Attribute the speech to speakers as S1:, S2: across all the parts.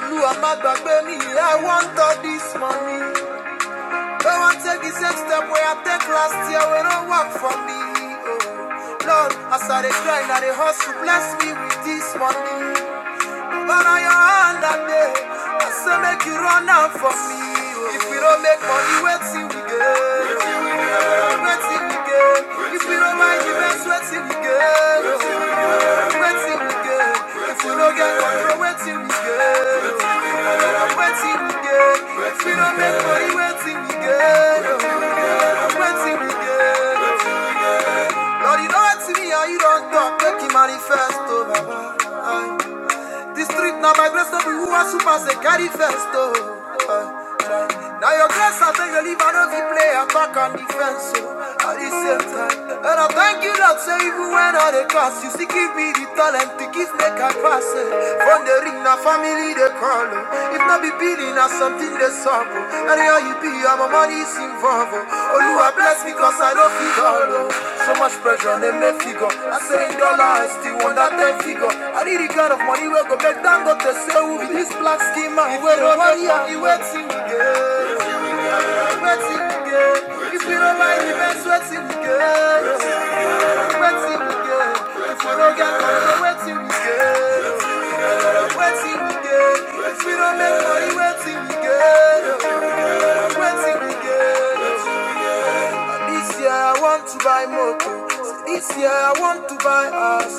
S1: Blue and mad back baby, I want all this money. Don't want to take the same step where I take last year when I work for me. Oh, Lord, as I dey grind, I they hustle, bless me with this money. But on your hand that day, I say make you run out for me. oh. If we don't make money, wait till we get. Wait till we get. Wait till we get. If we don't mind the best, wait till we get. oh. Wait till we get. If we don't get control, wait till we get. oh. Waiting we get. We don't make money, waiting we get. oh. Waiting we get. Lord, you don't act to me, and you don't talk. Make him manifest, oh, This street now by grace, not be who are super, say carry first, oh. Now your grace, I tell you, leave, I know you play attack and defense, oh. At the same time, and I thank you, Lord, say even when I the class, you still give me the talent to give make a pass. eh. From the ring, now family they call. oh. I be building as something they solve. oh. And how you be, I'm a money is involved. Oh, you are blessed because I don't feel all. oh. So much pressure, on them, they may figure. I say in dollar, I still want that 10 figure. I need the kind of money where go back down. go to say, who be this black schema? He wait on money, and he waiting again. He waiting again. If you don't mind, he best waiting again. He waiting again. If you don't get money, he waiting again. Wetin we get? We don't make money, wetin we get? Wetin we get? This year I want to buy moto. This year I want to buy house.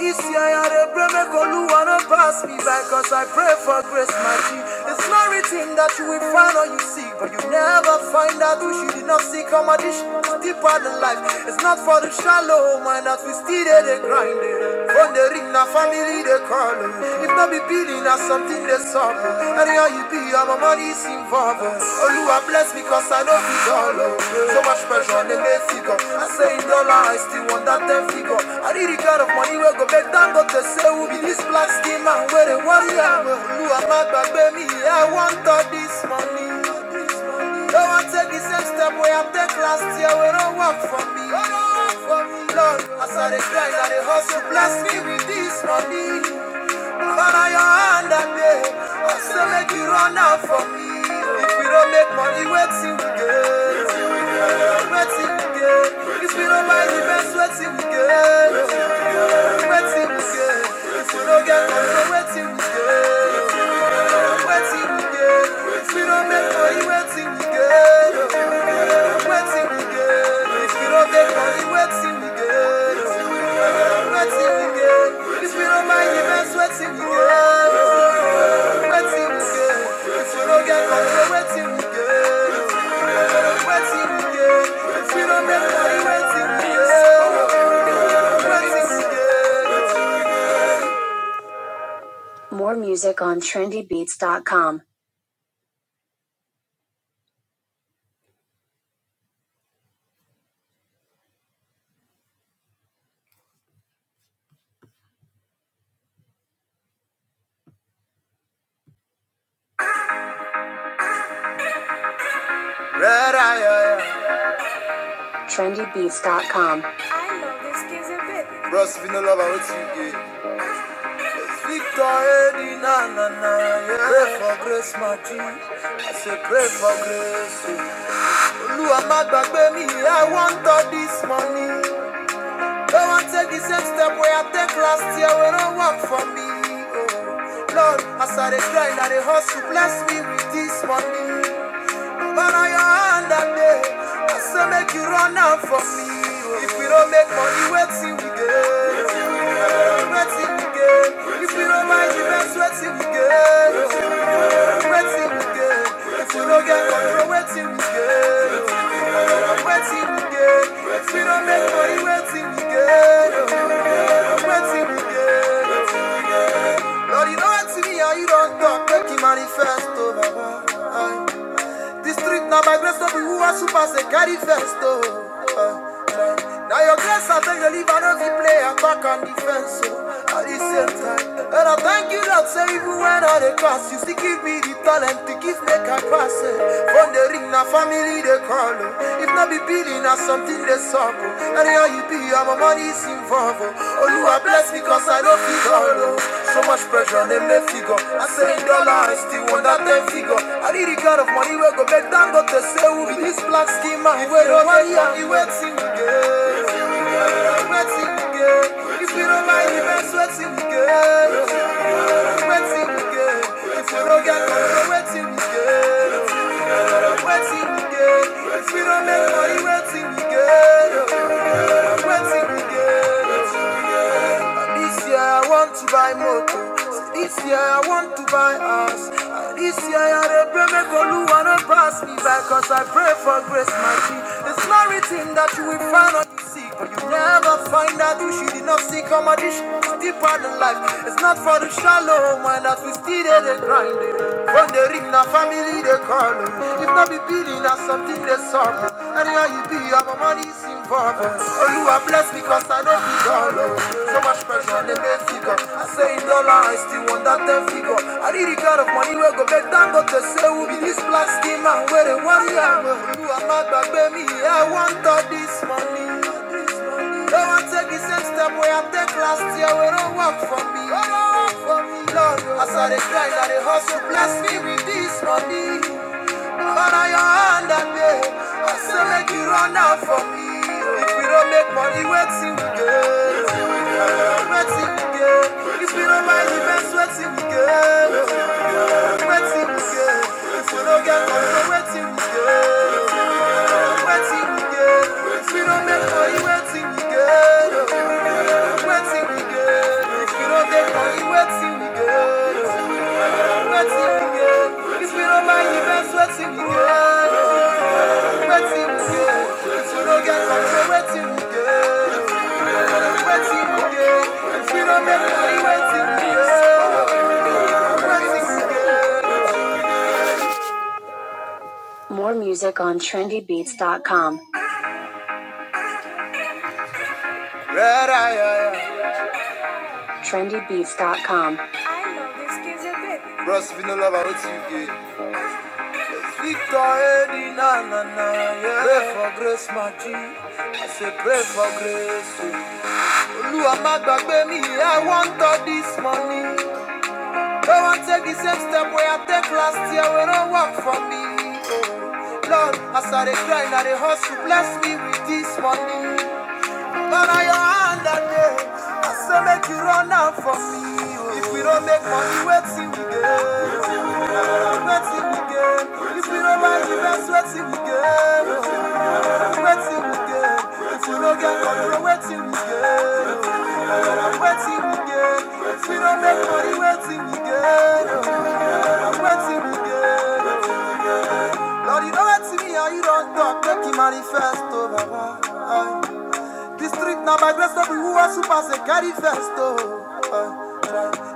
S1: This year I dey pray make Oluwa no pass me by cause I pray for grace my G. It's not written that you will find all you seek, but you never find out who you did not seek. Competition is deeper than life. It's not for the shallow mind that we still dey dey grind. eh. the ring, na family they call you. If not be building na something they solve. eh. Anyhow you be, I'm a money involved. eh. Oluwa bless me cause I know it's all. So much pressure on the late figure. I say in dollar, I still want that 10 figure. I need the kind of money where go back down, go to say, who be this black skin man? Where they want you? Who am I, baby? I want all this money. Don't want to take the same step where I take last year, where don't work for me. Lord, as I dey grind, I dey hustle, bless me with this money. Follow your hand that day. I say make you run out for me. If we don't make money, wait till we do. Nothing we get. If we don't buy the best, nothing we get. Nothing we get. don't get money, nothing we we don't make money, nothing we we don't make money, nothing we we don't buy the best, nothing we get. Nothing we get. If we don't get money, nothing we we don't make money, nothing we More music on trendybeats.com. Trendybeats.com. Bros, we no love how it's you get. Victor na na na, yeah. Pray for grace, my G. I say pray for grace. Olu amagba me, I want all this money. Go and take the same step where I take last year when I work for me. Oh, Lord, I saw the grind and the hustle, bless me with this money. But on your hand that day. I say make you run out for me. oh. If we don't make money, wait till we get. Wait till we get. If we don't mind the best, wait till we get. Wait till we get. If we don't get money, wait till we get. Wait till we get. If we don't make money, wait till we get. I'm waiting again. Lord, you don't see me and you don't talk, make it manifest, oh Baba. This street now by grace of you who are super, say carry first, oh. Now your grace, I beg you leave, I know if play attack and defense, oh. At the same time, and I thank you, that say even when I the class, you still give me the talent to give make I pass, eh. From the ring, now family they call, oh. If not be billing, now something they suck, oh. Anyhow you be, I'm a money is involved, oh. Oluwa bless because I don't feel all, oh. So much pressure on them, they figure. I say dollar, I still want that them figure. I need the kind of money where go back down, got to say, who be this black schema? If we don't mind, yeah, he waits in the game. He waits in the game. If we don't mind, he waits waits in the game. He waits in the game. If we don't get money, he waits in the game. He waits in the game. If we don't make money, he waits in the game. He waits in the game. This year I want to buy motor. This year I want to buy house. Ah, This year I dey pray make Olu wanna pass me by cause I pray for grace my mercy. It's not written that you will find on the seek, but you never find out you should not seek. Come on, this shit deeper than life. It's not for the shallow mind that we still dey dey grind. eh. When they ring na family they call me. If not be billing na something they solve me. Anyhow you be your money is involved. Oh you are blessed because I know be all oh. So much pressure on the make figure. I say in dollar I still want that ten figure. I need the kind of money wey go back down go to say who be this black skin man where they worry am. You are mad but baby, I want all this money. Come and take the same step where I take last year. We don't work for me. We don't work for me, Lord. oh. As I dey grind, I dey hustle. Bless me with this money. Father, your hand I pay. I say make you run out for me. oh. If we don't make money, wait till we get. Wait till we get. If we don't buy the best, wait till we get. Wait till we get. If we don't get money, wait till we get. More music on trendybeats.com. com. eye, eye, eye. trendybeats.com. Bros, we no love out you get. Victor Eddie, na na na, yeah. Pray for grace, my G. I say pray for grace. oh. Olúwa má gbàgbé mi, I want all this money. Don't want to take the same step where I take last year, Where don't work for me. Oh. Lord, as I dey grind, I dey hustle, bless me with this money. Man, I your hand that day. I say make you run out for me. oh. If we don't make money, wait till we get. If we don't mind, we best wait till we get. Wait till we get. If we don't get control, wait till we get. Wait till we get. If we don't make money, wait till we get. Wait till we get. Lord, you don't let see me and you don't talk. Make him manifest over. Aye. This street now by grace of who are super say carry Oh.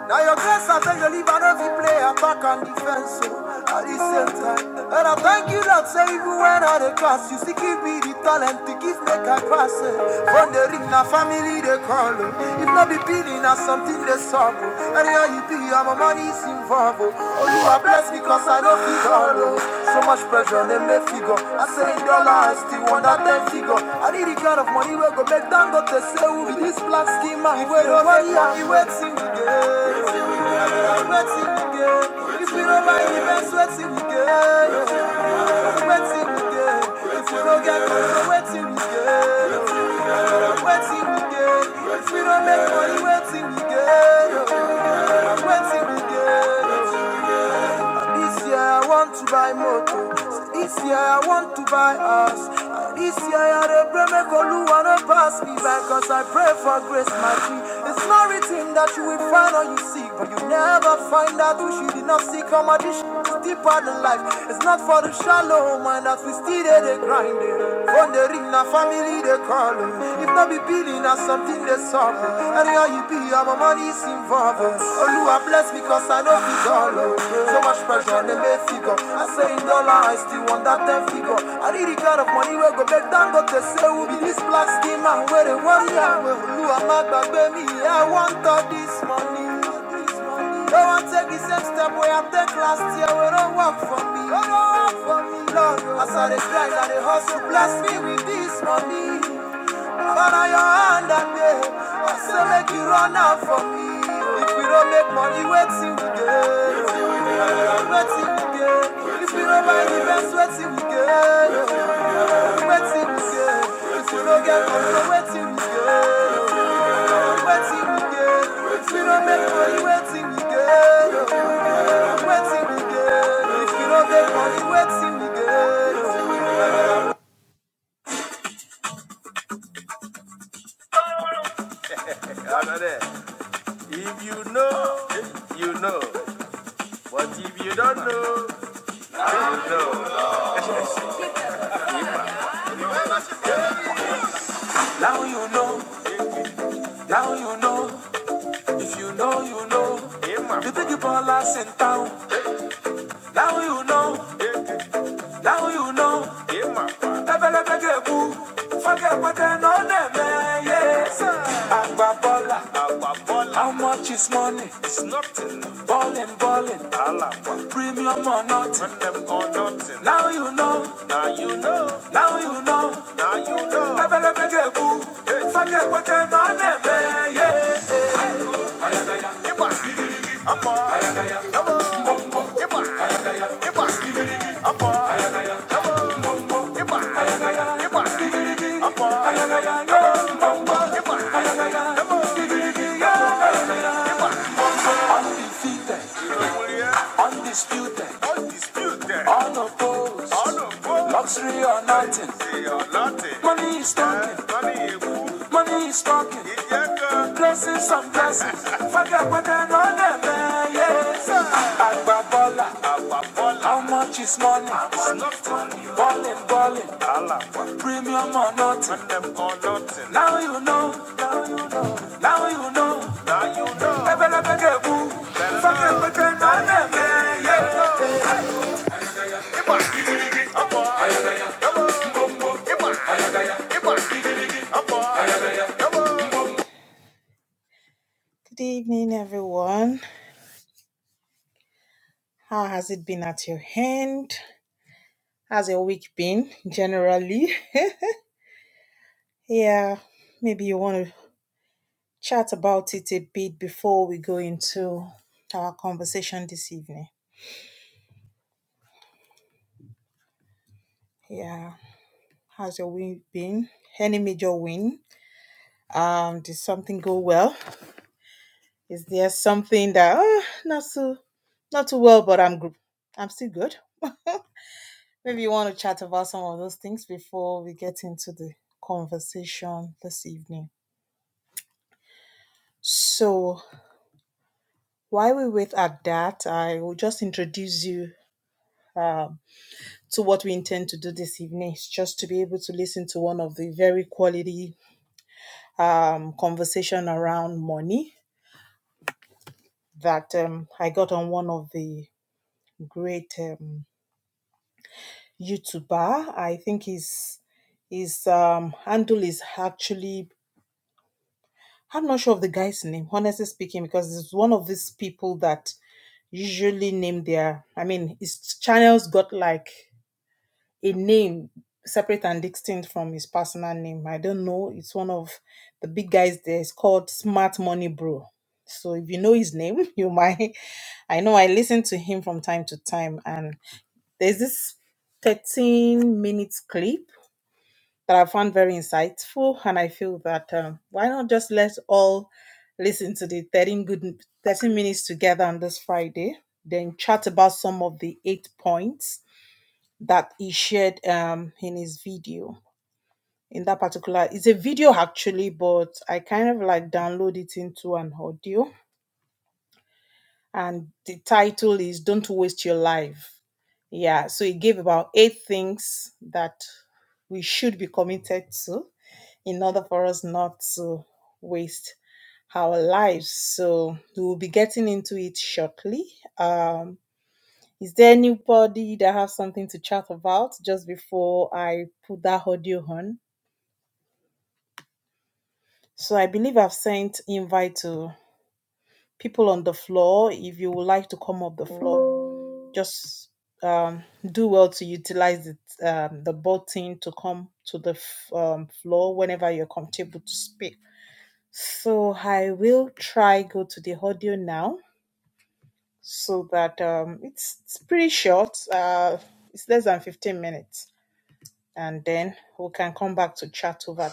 S1: Now your grace I take the leave and every play attack and defense. So at the same time, and I thank you Lord, say even when I the class, you still give me the talent to give me I pass. eh. When they ring na family they call oh. If not be billing na something they solve oh. Anyhow you be I'm a money is involved oh. oh you are blessed because I don't feel all oh. So much pressure they make figure I say in dollar I still want that ten figure I need the kind of money we go make down go to say who be this black schema If we don't buy ya we waiting again We waiting again If we don't buy it, we best waiting again Waiting again If we don't get it, we waiting again Waiting we get, we don't make money. Waiting we get, waiting we get. This year I want to buy motor. This year I want to buy us. This year I dey pray make Oluwa no pass me by, cause I pray for grace, my G. It's not written that you will find all you seek, but you never find out who she did not seek. Come on, this shit is deeper than life. It's not for the shallow mind that we still dey grinding. Phone the ring, na family they call. oh. If not be billing, na something they solve. oh. And here you be, I'm money is involved. oh. Oluwa bless because I know it's all. oh. So much pressure, they may figure. I say in dollar, I still want that 10 figure. I need the kind of money where go back down, go to say, We be this black skin man where they worry. Oluwa, my baby, I want all this money. Don't want take the same step we I taken last year. We don't work for me. We don't work for me, Lord. As I dey grind, and the hustle. Bless me with this money. Father, your hand and day. I say make you run out for me. If we don't make money, wait till we get. Wait till we get. If we don't buy the best, wait till we get. Wait till we get. If we don't get money, no, wait till we get. Wait till we get. If we don't make money, wait till we get. If you know, you know. But if you don't know, now you know, now you know. If you know, you know. You think you ball us in town. Now you know, now you know. Emma. Ebelebegegu. Forget what they know them, eh, yes. Agba baller. How much is money? Ballin', ballin'. Premium or nothing. Now you know, now you know. Undefeated, undisputed, unopposed, luxury or nothing. Money is talking, money is talking. Blessings and blessings. Forget what they know, them, eh, yes. Agbabola, how much is money? Balling, balling, premium or nothing. Now you know, now you know. Ebelebedegbu, Fakepete na Nemi.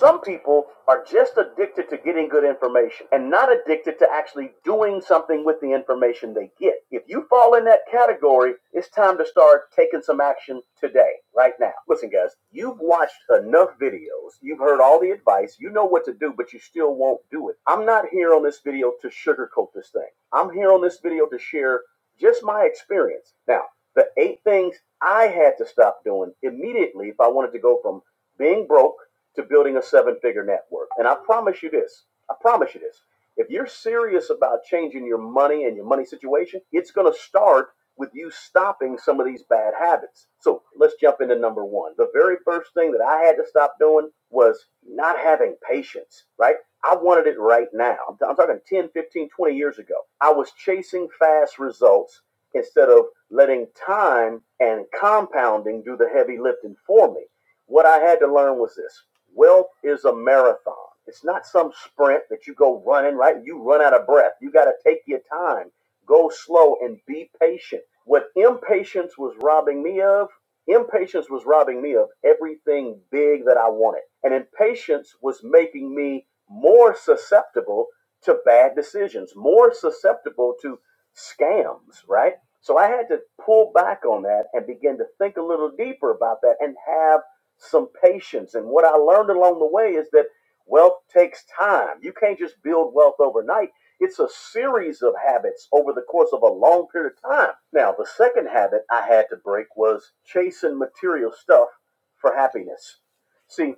S1: some people are just addicted to getting good information and not addicted to actually doing something with the information they get. If you fall in that category, it's time to start taking some action today, right now. Listen, guys, you've watched enough videos, you've heard all the advice, you know what to do, but you still won't do it. I'm not here on this video to sugarcoat this thing. I'm here on this video to share just my experience. Now, the eight things I had to stop doing immediately if I wanted to go from being broke to building a seven figure network. And I promise you this I promise you this. If you're serious about changing your money and your money situation, it's going to start with you stopping some of these bad habits. So let's jump into number one. The very first thing that I had to stop doing was not having patience, right? I wanted it right now. I'm, I'm talking 10, 15, twenty years ago. I was chasing fast results instead of letting time and compounding do the heavy lifting for me. What I had to learn was this wealth is a marathon. It's not some sprint that you go running, right? You run out of breath. You got to take your time, go slow, and be patient. What impatience was robbing me of, impatience was robbing me of everything big that I wanted. And impatience was making me more susceptible to bad decisions, more susceptible to scams, right? So I had to pull back on that and begin to think a little deeper about that and have some patience. And what I learned along the way is that wealth takes time. You can't just build wealth overnight. It's a series of habits over the course of a long period of time. Now, the second habit I had to break was chasing material stuff for happiness. See,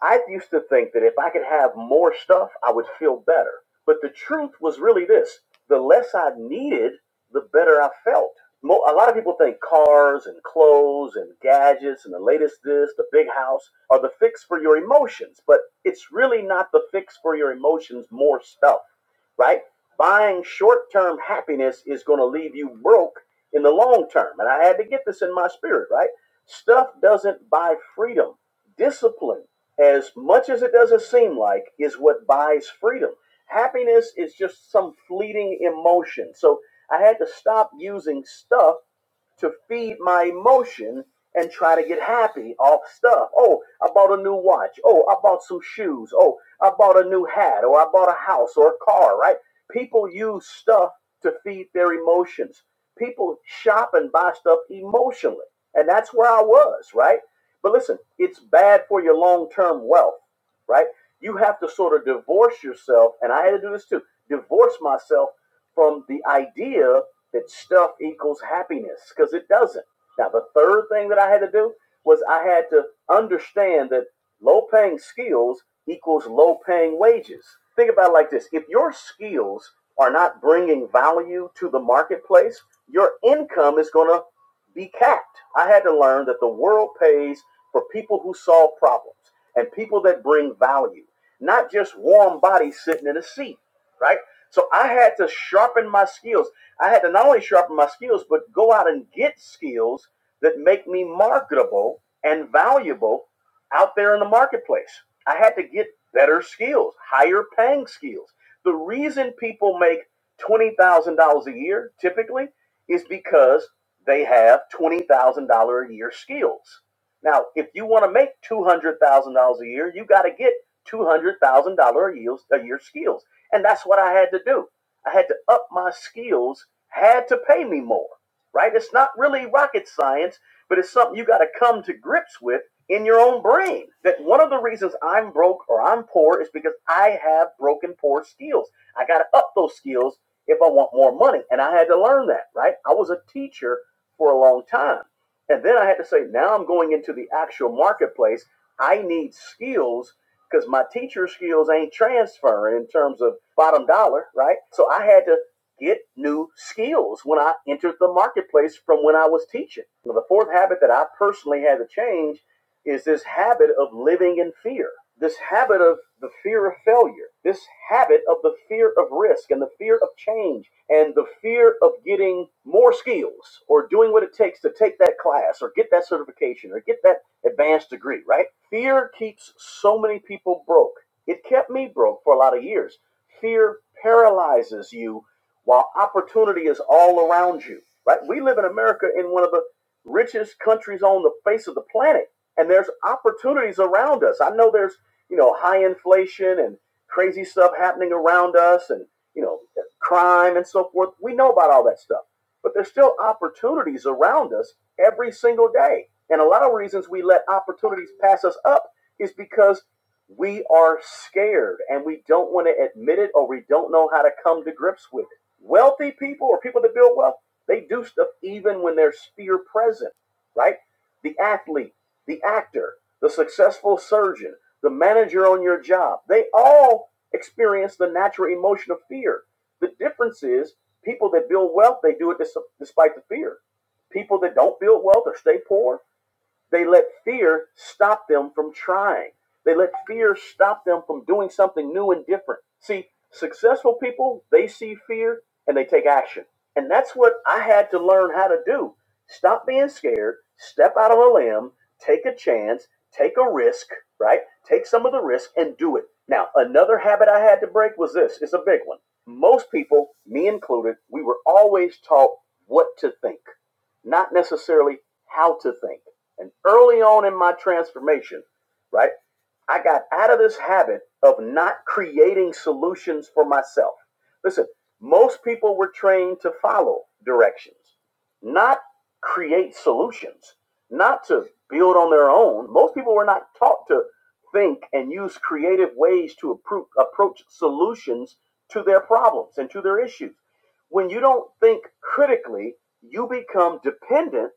S1: I used to think that if I could have more stuff, I would feel better. But the truth was really this the less I needed, the better I felt. Mo- a lot of people think cars and clothes and gadgets and the latest this, the big house are the fix for your emotions, but it's really not the fix for your emotions, more stuff right? Buying short term happiness is going to leave you broke in the long term. And I had to get this in my spirit, right? Stuff doesn't buy freedom. Discipline, as much as it doesn't seem like, is what buys freedom. Happiness is just some fleeting emotion. So I had to stop using stuff to feed my emotion and try to get happy off stuff. Oh, I bought a new watch. Oh, I bought some shoes. Oh, I bought a new hat or I bought a house or a car, right? People use stuff to feed their emotions. People shop and buy stuff emotionally. And that's where I was, right? But listen, it's bad for your long term wealth right? You have to sort of divorce yourself, and I had to do this too divorce myself from the idea that stuff equals happiness because it doesn't. Now, the third thing that I had to do was I had to understand that low paying skills equals low paying wages. Think about it like this if your skills are not bringing value to the marketplace, your income is going to be capped. I had to learn that the world pays for people who solve problems and people that bring value, not just warm bodies sitting in a seat, right? So I had to sharpen my skills. I had to not only sharpen my skills, but go out and get skills that make me marketable and valuable out there in the marketplace. I had to get better skills, higher paying skills. The reason people make $20,000 a year typically is because they have $20,000 a year skills. Now, if you want to make $200,000 a year, you got to get $200,000 a year skills. And that's what I had to do. I had to up my skills, had to pay me more right? It's not really rocket science, but it's something you got to come to grips with in your own brain. That one of the reasons I'm broke or I'm poor is because I have broken poor skills. I got to up those skills if I want more money. And I had to learn that, right? I was a teacher for a long time. And then I had to say, now I'm going into the actual marketplace. I need skills because my teacher skills ain't transferring in terms of bottom dollar, right? So I had to get new skills when I entered the marketplace from when I was teaching. The fourth habit that I personally had to change is this habit of living in fear, this habit of the fear of failure, this habit of the fear of risk and the fear of change and the fear of getting more skills or doing what it takes to take that class or get that certification or get that advanced degree, right? Fear keeps so many people broke. It kept me broke for a lot of years. Fear paralyzes you while opportunity is all around you, right? We live in America in one of the richest countries on the face of the planet, and there's opportunities around us. I know there's, you know, high inflation and crazy stuff happening around us and, you know, crime and so forth. We know about all that stuff, but there's still opportunities around us every single day. And a lot of reasons we let opportunities pass us up is because we are scared and we don't want to admit it or we don't know how to come to grips with it. Wealthy people or people that build wealth, they do stuff even when there's fear present, right? The athlete, the actor, the successful surgeon, the manager on your job, they all experience the natural emotion of fear. The difference is people that build wealth, they do it despite the fear. People that don't build wealth or stay poor, they let fear stop them from trying. They let fear stop them from doing something new and different. See, successful people, they see fear and they take action. And that's what I had to learn how to do. Stop being scared, step out on a limb, take a chance, take a risk, right? Take some of the risk and do it. Now, another habit I had to break was this it's a big one. Most people, me included, we were always taught what to think not necessarily how to think. And early on in my transformation, right, I got out of this habit of not creating solutions for myself. Listen, most people were trained to follow directions, not create solutions, not to build on their own. Most people were not taught to think and use creative ways to appro- approach solutions to their problems and to their issues. When you don't think critically, you become dependent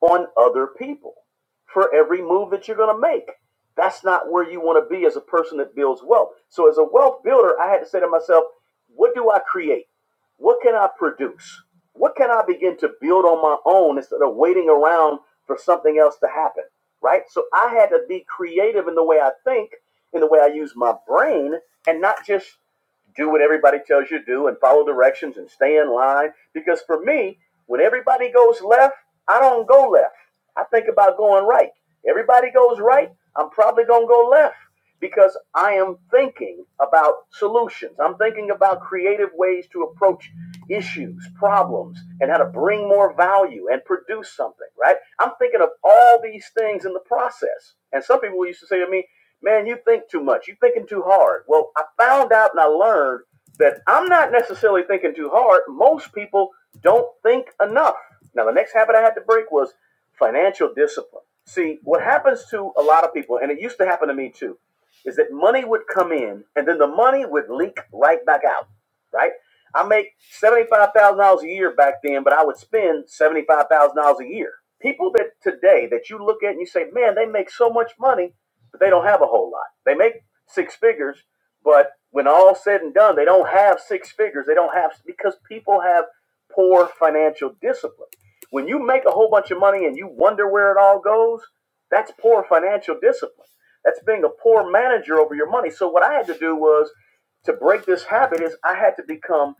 S1: on other people for every move that you're going to make. That's not where you want to be as a person that builds wealth. So, as a wealth builder, I had to say to myself, what do I create? What can I produce? What can I begin to build on my own instead of waiting around for something else to happen? Right? So, I had to be creative in the way I think, in the way I use my brain, and not just do what everybody tells you to do and follow directions and stay in line. Because for me, when everybody goes left, I don't go left. I think about going right. Everybody goes right, I'm probably going to go left because I am thinking about solutions. I'm thinking about creative ways to approach issues, problems, and how to bring more value and produce something, right? I'm thinking of all these things in the process. And some people used to say to me, man, you think too much. You're thinking too hard. Well, I found out and I learned that I'm not necessarily thinking too hard. Most people don't think enough. Now, the next habit I had to break was financial discipline. See, what happens to a lot of people, and it used to happen to me too, is that money would come in and then the money would leak right back out right? I make $75,000 a year back then, but I would spend $75,000 a year. People that today that you look at and you say, man, they make so much money, but they don't have a whole lot. They make six figures, but when all said and done, they don't have six figures. They don't have, because people have poor financial discipline. When you make a whole bunch of money and you wonder where it all goes, that's poor financial discipline. That's being a poor manager over your money. So what I had to do was to break this habit is I had to become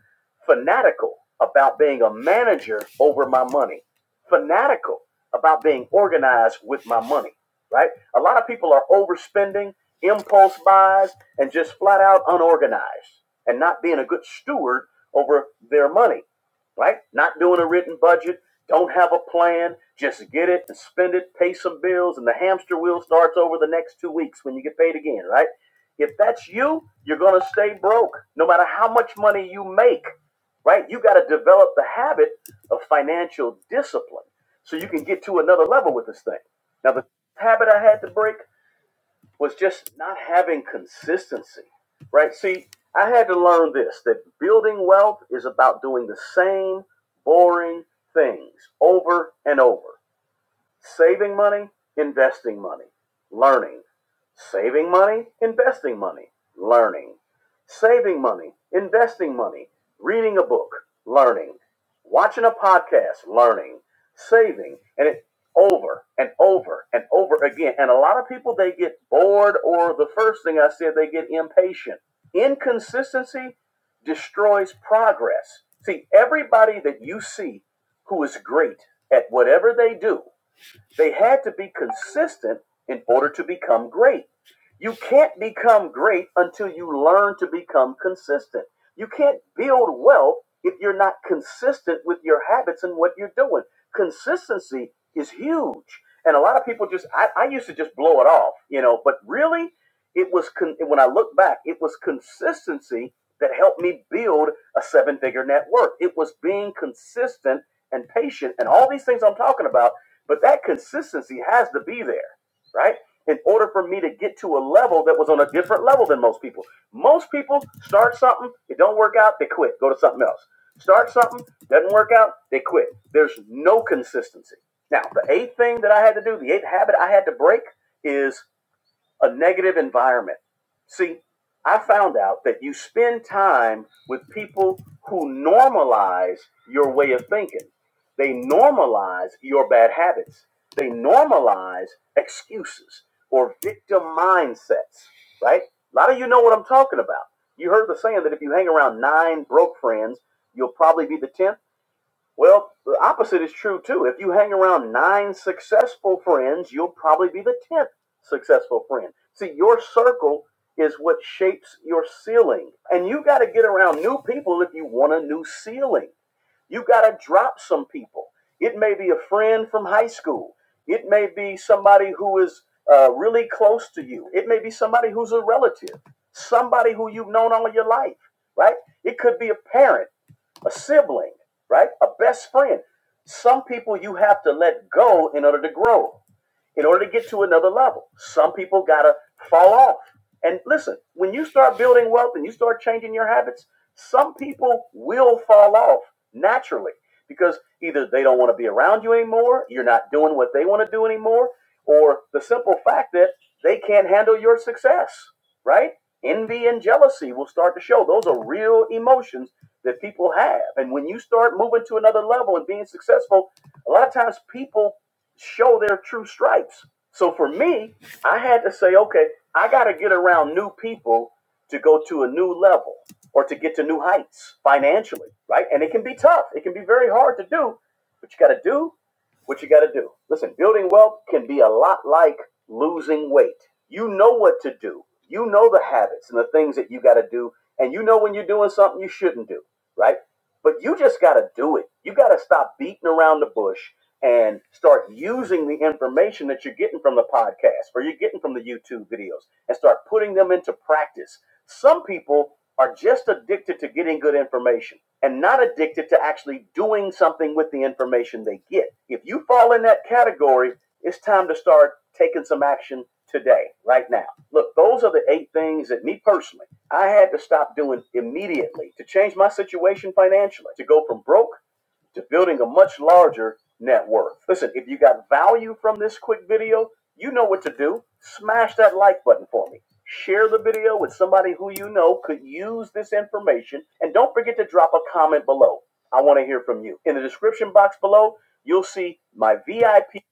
S1: fanatical about being a manager over my money, fanatical about being organized with my money, right? A lot of people are overspending, impulse buys, and just flat out unorganized and not being a good steward over their money, right? Not doing a written budget, don't have a plan, just get it and spend it, pay some bills, and the hamster wheel starts over the next two weeks when you get paid again, right? If that's you, you're going to stay broke no matter how much money you make, right? You got to develop the habit of financial discipline so you can get to another level with this thing. Now, the habit I had to break was just not having consistency, right? See, I had to learn this that building wealth is about doing the same boring things over and over saving money, investing money, learning, saving money, investing money, learning saving money, investing money, reading a book, learning, watching a podcast, learning, saving, and it over and over and over again. And a lot of people they get bored or the first thing I said they get impatient. Inconsistency destroys progress. See, everybody that you see who is great at whatever they do, they had to be consistent in order to become great. You can't become great until you learn to become consistent. You can't build wealth if you're not consistent with your habits and what you're doing. Consistency is huge. And a lot of people just, I, I used to just blow it off, you know, but really, it was, con- when I look back, it was consistency that helped me build a seven figure network. It was being consistent and patient and all these things I'm talking about, but that consistency has to be there right? In order for me to get to a level that was on a different level than most people. Most people start something, it don't work out, they quit, go to something else. Start something, doesn't work out, they quit. There's no consistency. Now, the eighth thing that I had to do, the eighth habit I had to break is a negative environment. See, I found out that you spend time with people who normalize your way of thinking. They normalize your bad habits. They normalize excuses or victim mindsets, right? A lot of you know what I'm talking about. You heard the saying that if you hang around nine broke friends, you'll probably be the 10th. Well, the opposite is true too. If you hang around nine successful friends, you'll probably be the tenth successful friend. See, your circle is what shapes your ceiling. And you got to get around new people if you want a new ceiling. You got to drop some people. It may be a friend from high school, it may be somebody who is uh, really close to you, it may be somebody who's a relative, somebody who you've known all your life, right? It could be a parent a sibling, right? A best friend. Some people you have to let go in order to grow in order to get to another level. Some people gotta fall off. And listen, when you start building wealth and you start changing your habits, some people will fall off naturally because either they don't want to be around you anymore, you're not doing what they want to do anymore, or the simple fact that they can't handle your success, right? Envy and jealousy will start to show. Those are real emotions that people have. And when you start moving to another level and being successful, a lot of times people show their true stripes. So for me, I had to say, okay, I got to get around new people to go to a new level or to get to new heights financially, right? And it can be tough. It can be very hard to do, but you got to do what you got to do. Listen, building wealth can be a lot like losing weight. You know what to do, you know the habits and the things that you got to do, and you know when you're doing something you shouldn't do, right? But you just got to do it. You got to stop beating around the bush and start using the information that you're getting from the podcast or you're getting from the YouTube videos and start putting them into practice some people are just addicted to getting good information and not addicted to actually doing something with the information they get. If you fall in that category, it's time to start taking some action today, right now. Look, those are the eight things that me personally, I had to stop doing immediately to change my situation financially, to go from broke to building a much larger net worth. Listen, if you got value from this quick video, you know what to do. Smash that like button for me. Share the video with somebody who you know could use this information. And don't forget to drop a comment below. I want to hear from you. In the description box below, you'll see my VIP.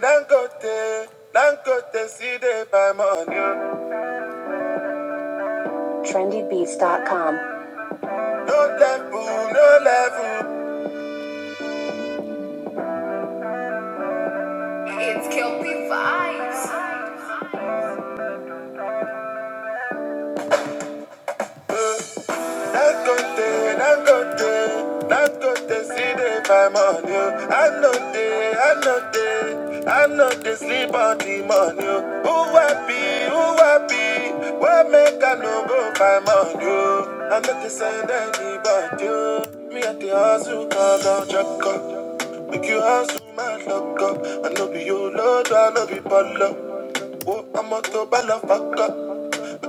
S1: Dangote, Dangote, see Trendybeats.com. I'm on you, I know they demand you. Who happy, who happy? What make I no go by on you? I'm not send anybody. oh. Me at the hustle, cause I'm jack up. Make you hustle, my luck up. I know be you, Lord, I know be ball up. Oh, I'm a to ball up, fuck up.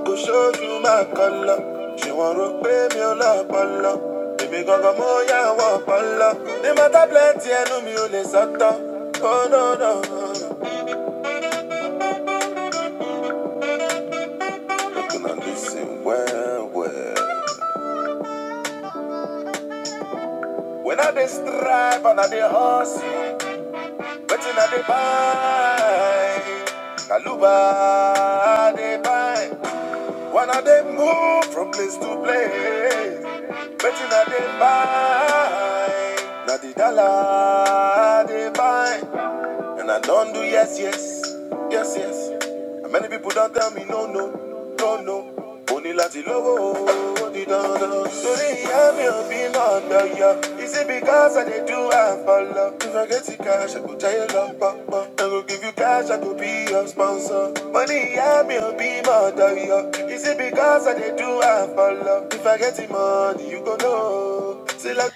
S1: Go show you my color. She want to pay me on a lot, pala. Baby, go go more, yeah, want pala. They matter plenty, I know me only sata. Oh, no, no, no. no. You can listen well, well. When I dey strive and I dey horse, But wetin I dey buy? Kaluba I dey buy. One of them move from place to place. Betting at they buy. Now the dollar they buy. And I don't do yes, yes, yes, yes. And many people don't tell me no, no, no, no. Only láti lówó ó di dandan. Torí ìyá mi ò bí lọ́dọ̀ yọ. Is it because I dey do am for love? If I get the cash, I go jayé pop, pop. I go give you cash, I go be your sponsor. Money ìyá mi ò bí mọ̀dọ̀ yọ. Is it because I dey do am for love? If I get the money, you go know. Still I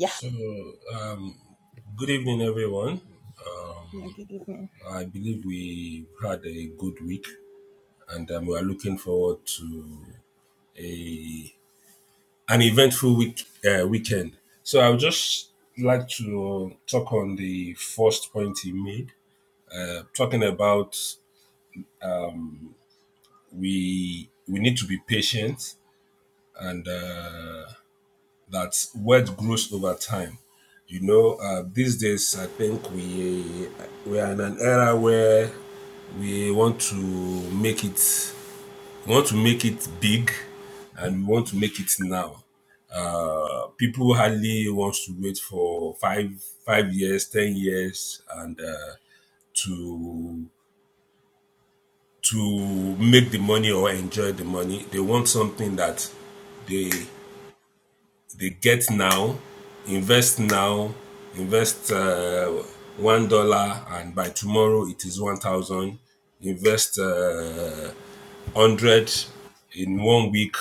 S2: So, um, good evening, everyone. I believe we had a good week, and um, we are looking forward to a an eventful week uh, weekend. So, I would just like to talk on the first point he made, uh, talking about we we need to be patient and. Uh, that word grows over time. You know, uh, these days I think we we are in an era where we want to make it we want to make it big, and we want to make it now. Uh, people hardly wants to wait for five five years, ten years, and uh, to to make the money or enjoy the money. They want something that they They get now, invest now, invest uh, one dollar, and by tomorrow it is one thousand. Invest uh, hundred in one week,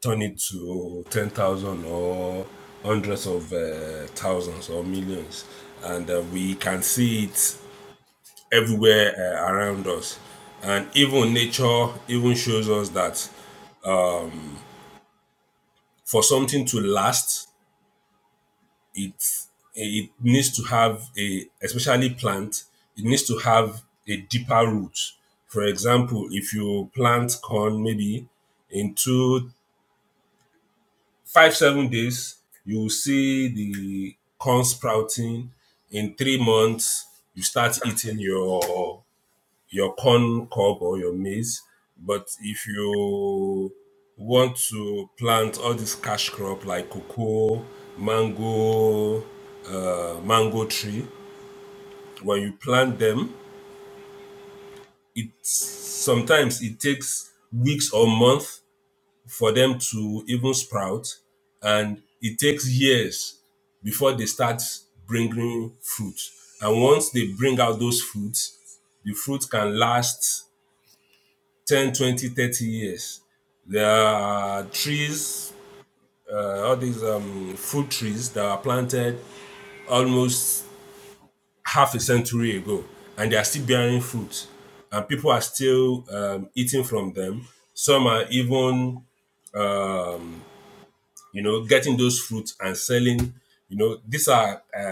S2: turn it to ten thousand or hundreds of uh, thousands or millions, and uh, we can see it everywhere uh, around us. And even nature even shows us that for something to last, it it needs to have a especially plant it needs to have a deeper root for example if you plant corn maybe in two five seven days you will see the corn sprouting in three months you start eating your your corn cob or your maize but if you want to plant all this cash crop like cocoa mango uh, mango tree when you plant them it sometimes it takes weeks or months for them to even sprout and it takes years before they start bringing fruit and once they bring out those fruits the fruit can last 10, 20, thirty years there are trees uh, all these um, fruit trees that are planted almost half a century ago, and they are still bearing fruit, and people are still um, eating from them. Some are even, you know, getting those fruits and selling. You know, these are uh,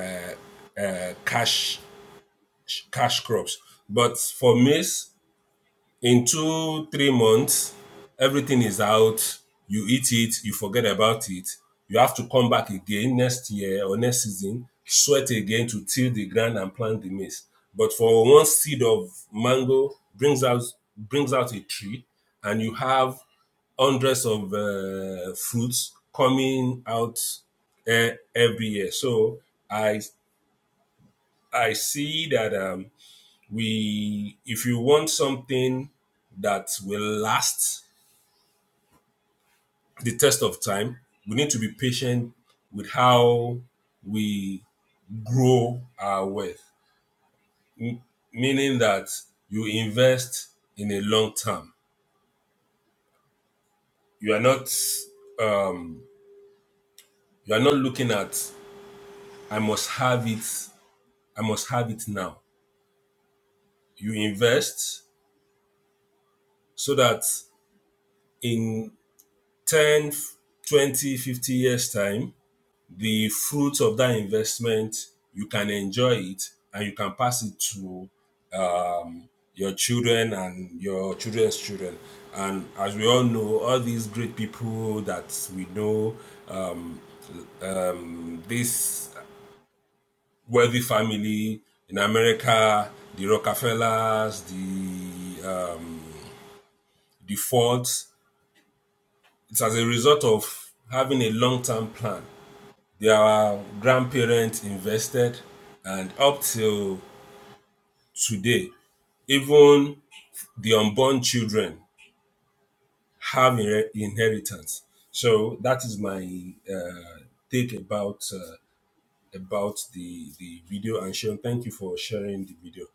S2: cash cash crops. But for maize, in two three months everything is out you eat it you forget about it you have to come back again next year or next season sweat again to till the ground and plant the maize but for one seed of mango brings out brings out a tree and you have hundreds of uh, fruits coming out uh, every year so i i see that um we if you want something that will last the test of time we need to be patient with how we grow our wealth M- meaning that you invest in a long term you are not um you are not looking at i must have it i must have it now you invest so that in 10, 20, fifty years time the fruits of that investment, you can enjoy it and you can pass it to your children and your children's children. And as we all know, all these great people that we know, um, um, this wealthy family in America, the Rockefellers, the uh, the Fords, it's as a result of having a long term plan. Their grandparents invested, and up till today, even the unborn children have inher- inheritance. So that is my uh, take about uh, about the the video. And Sean, thank you for sharing the video.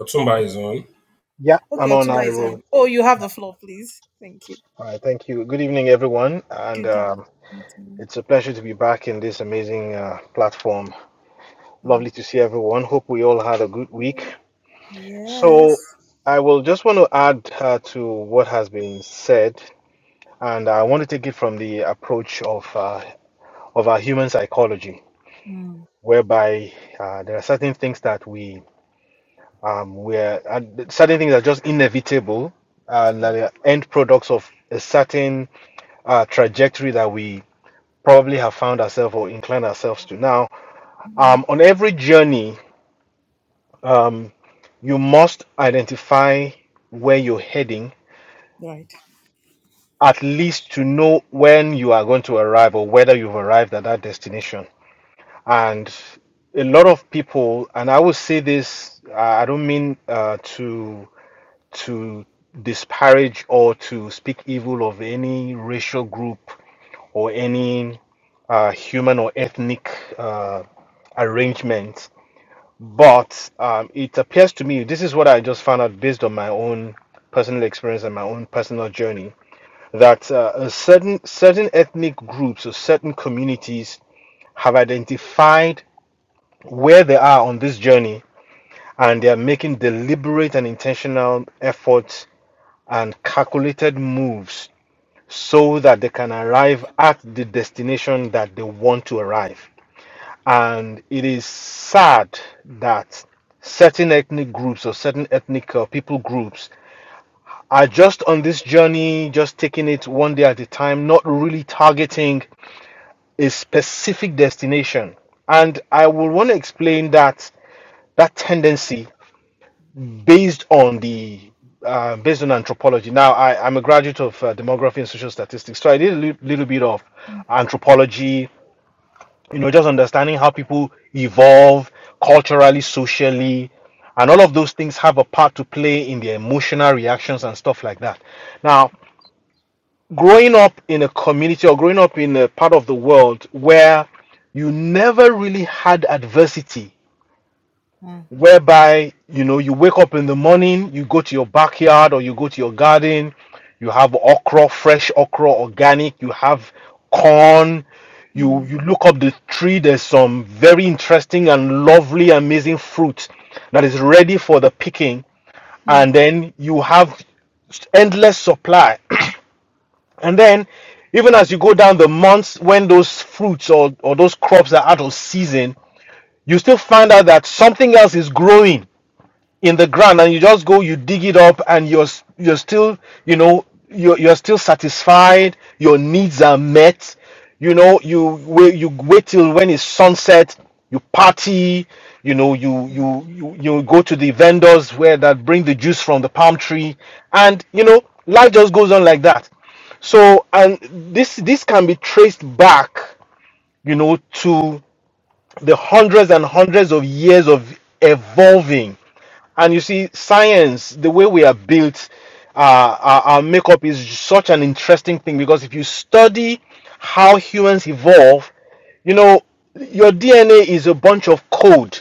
S2: Otumba is on.
S3: Yeah, I'm on IVO. All right, thank you. Good evening, everyone, and um, it's a pleasure to be back in this amazing uh, platform. Lovely to see everyone. Hope we all had a good week. So, I will just want to add uh, to what has been said, and I want to take it from the approach of uh, of our human psychology, whereby uh, there are certain things that we um, we're uh, certain things are just inevitable, and that are end products of a certain uh, trajectory that we probably have found ourselves or inclined ourselves to. Now, um, on every journey, um, you must identify where you're heading, at least to know when you are going to arrive or whether you've arrived at that destination. And a lot of people, and I will say this, uh, I don't mean uh, to to disparage or to speak evil of any racial group or any uh, human or ethnic uh, arrangement but um, it appears to me this is what I just found out based on my own personal experience and my own personal journey that uh, a certain certain ethnic groups or certain communities have identified where they are on this journey and they are making deliberate and intentional efforts and calculated moves so that they can arrive at the destination that they want to arrive And it is sad that certain ethnic groups or certain ethnic uh, people groups are just on this journey, just taking it one day at a time, not really targeting a specific destination. And I will want to explain that that tendency based on the uh, based on anthropology. Now, I, I'm a graduate of uh, demography and social statistics, so I did a li- little bit of anthropology, you know, just understanding how people evolve culturally, socially, and all of those things have a part to play in their emotional reactions and stuff like that. Now, growing up in a community or growing up in a part of the world where you never really had adversity whereby you know you wake up in the morning, you go to your backyard or you go to your garden, you have okra, fresh okra, organic, you have corn, you you look up the tree, there's some very interesting and lovely, amazing fruit that is ready for the picking, and then you have endless supply. And then even as you go down the months when those fruits or, or those crops are out of season, you still find out that something else is growing in the ground and you just go you dig it up and you're s- you're still you know you're, you're still satisfied your needs are met you know you wait you wait till when it's sunset you party you know you you you, you go to the vendors where that bring the juice from the palm tree and you know life just goes on like that so and this this can be traced back you know to the hundreds and hundreds of years of evolving and you see, science, the way we are built, uh, our, our makeup is such an interesting thing because if you study how humans evolve, you know, your DNA is a bunch of code.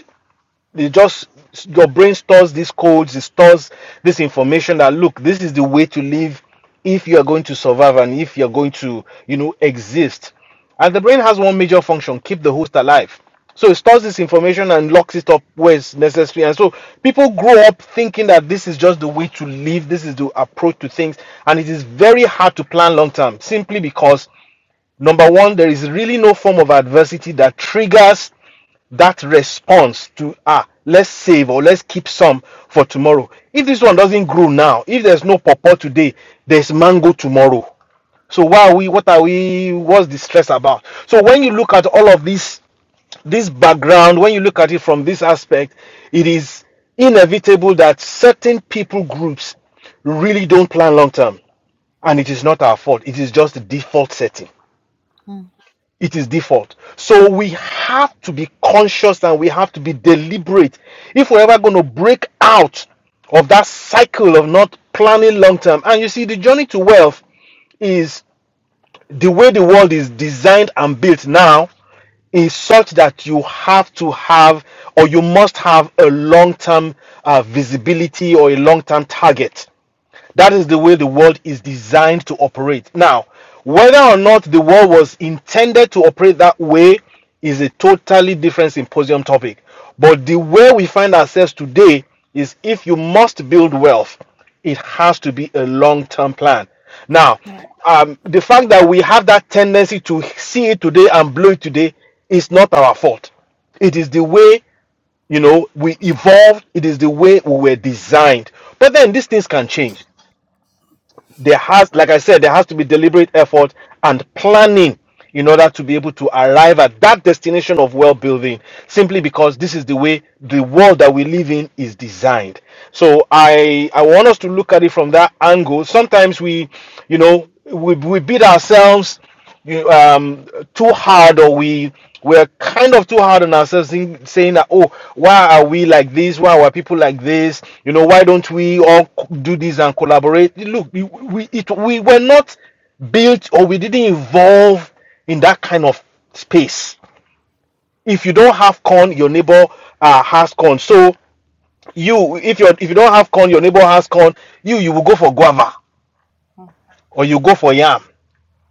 S3: They just your brain stores these codes, it stores this information that look, this is the way to live if you are going to survive and if you're going to, you know, exist. And the brain has one major function, keep the host alive. So it stores this information and locks it up where it's necessary. And so people grow up thinking that this is just the way to live, this is the approach to things. And it is very hard to plan long term simply because, number one, there is really no form of adversity that triggers that response to ah let's save or let's keep some for tomorrow if this one doesn't grow now if there's no pawpaw today there's mango tomorrow so why are we what are we what's the stress about so when you look at all of this this background when you look at it from this aspect it is inevitable that certain people groups really don't plan long term and it is not our fault it is just the default setting it is default. So we have to be conscious and we have to be deliberate. If we're ever going to break out of that cycle of not planning long term, and you see, the journey to wealth is the way the world is designed and built now is such that you have to have or you must have a long term uh, visibility or a long term target that is the way the world is designed to operate. Now, whether or not the world was intended to operate that way is a totally different symposium topic. But the way we find ourselves today is if you must build wealth, it has to be a long term plan. Now, um, the fact that we have that tendency to see it today and blow it today is not our fault it is the way you know we evolved it is the way we were designed but then these things can change there has like i said there has to be deliberate effort and planning in order to be able to arrive at that destination of well building simply because this is the way the world that we live in is designed so i i want us to look at it from that angle sometimes we you know we, we beat ourselves you, um too hard or we we're kind of too hard on ourselves in saying that oh why are we like this why are people like this you know why don't we all co- do this and collaborate look we we, it, we were not built or we didn't evolve in that kind of space if you don't have corn your neighbor uh, has corn so you if you if you don't have corn your neighbor has corn you you will go for guava or you go for yam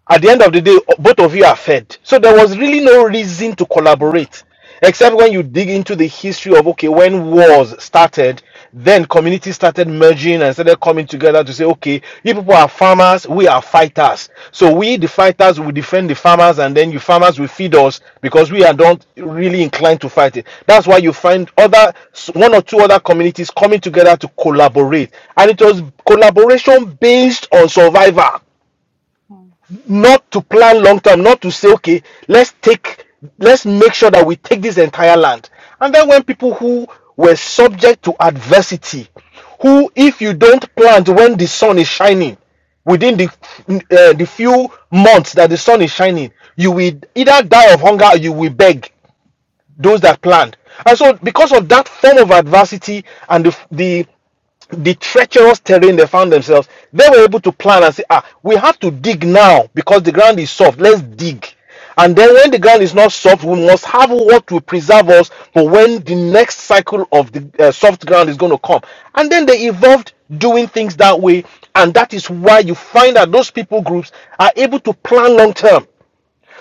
S3: at the end of the day, both of you are fed. So there was really no reason to collaborate, except when you dig into the history of okay, when wars started, then communities started merging and started coming together to say, okay, you people are farmers, we are fighters. So we, the fighters, will defend the farmers, and then you farmers will feed us because we are not really inclined to fight it. That's why you find other one or two other communities coming together to collaborate, and it was collaboration based on survival not to plan long term, not to say, okay, let's take, let's make sure that we take this entire land. And then when people who were subject to adversity, who, if you don't plant when the sun is shining, within the uh, the few months that the sun is shining, you will either die of hunger or you will beg those that plant. And so, because of that form of adversity and the the the treacherous terrain they found themselves, they were able to plan and say, ah, we have to dig now because the ground is soft. Let's dig. And then when the ground is not soft, we must have what will preserve us for when the next cycle of the uh, soft ground is going to come. And then they evolved doing things that way. And that is why you find that those people groups are able to plan long term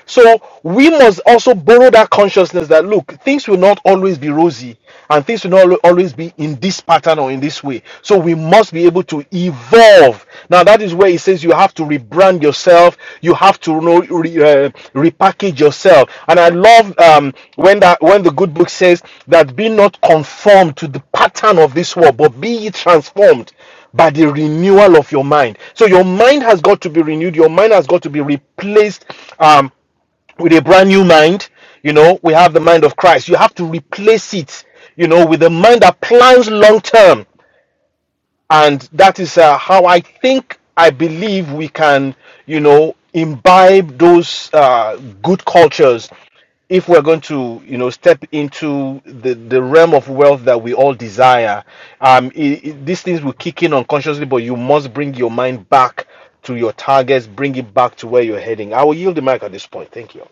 S3: so we must also borrow that consciousness that look, things will not always be rosy and things will not al- always be in this pattern or in this way. So we must be able to evolve. Now that is where it says you have to rebrand yourself, you have to you know, re, uh, repackage yourself. And I love um, when that when the good book says that be not conformed to the pattern of this world, but be ye transformed by the renewal of your mind. So your mind has got to be renewed. Your mind has got to be replaced. Um, with a brand new mind. You know, we have the mind of Christ. You have to replace it, you know, with a mind that plans long term. And that is uh, how I think, I believe we can, you know, imbibe those uh, good cultures if we're going to you know step into the the realm of wealth that we all desire um i i- these things will kick in unconsciously but you must bring your mind back to your targets bring it back to where you're heading i will yield the mic at this point thank you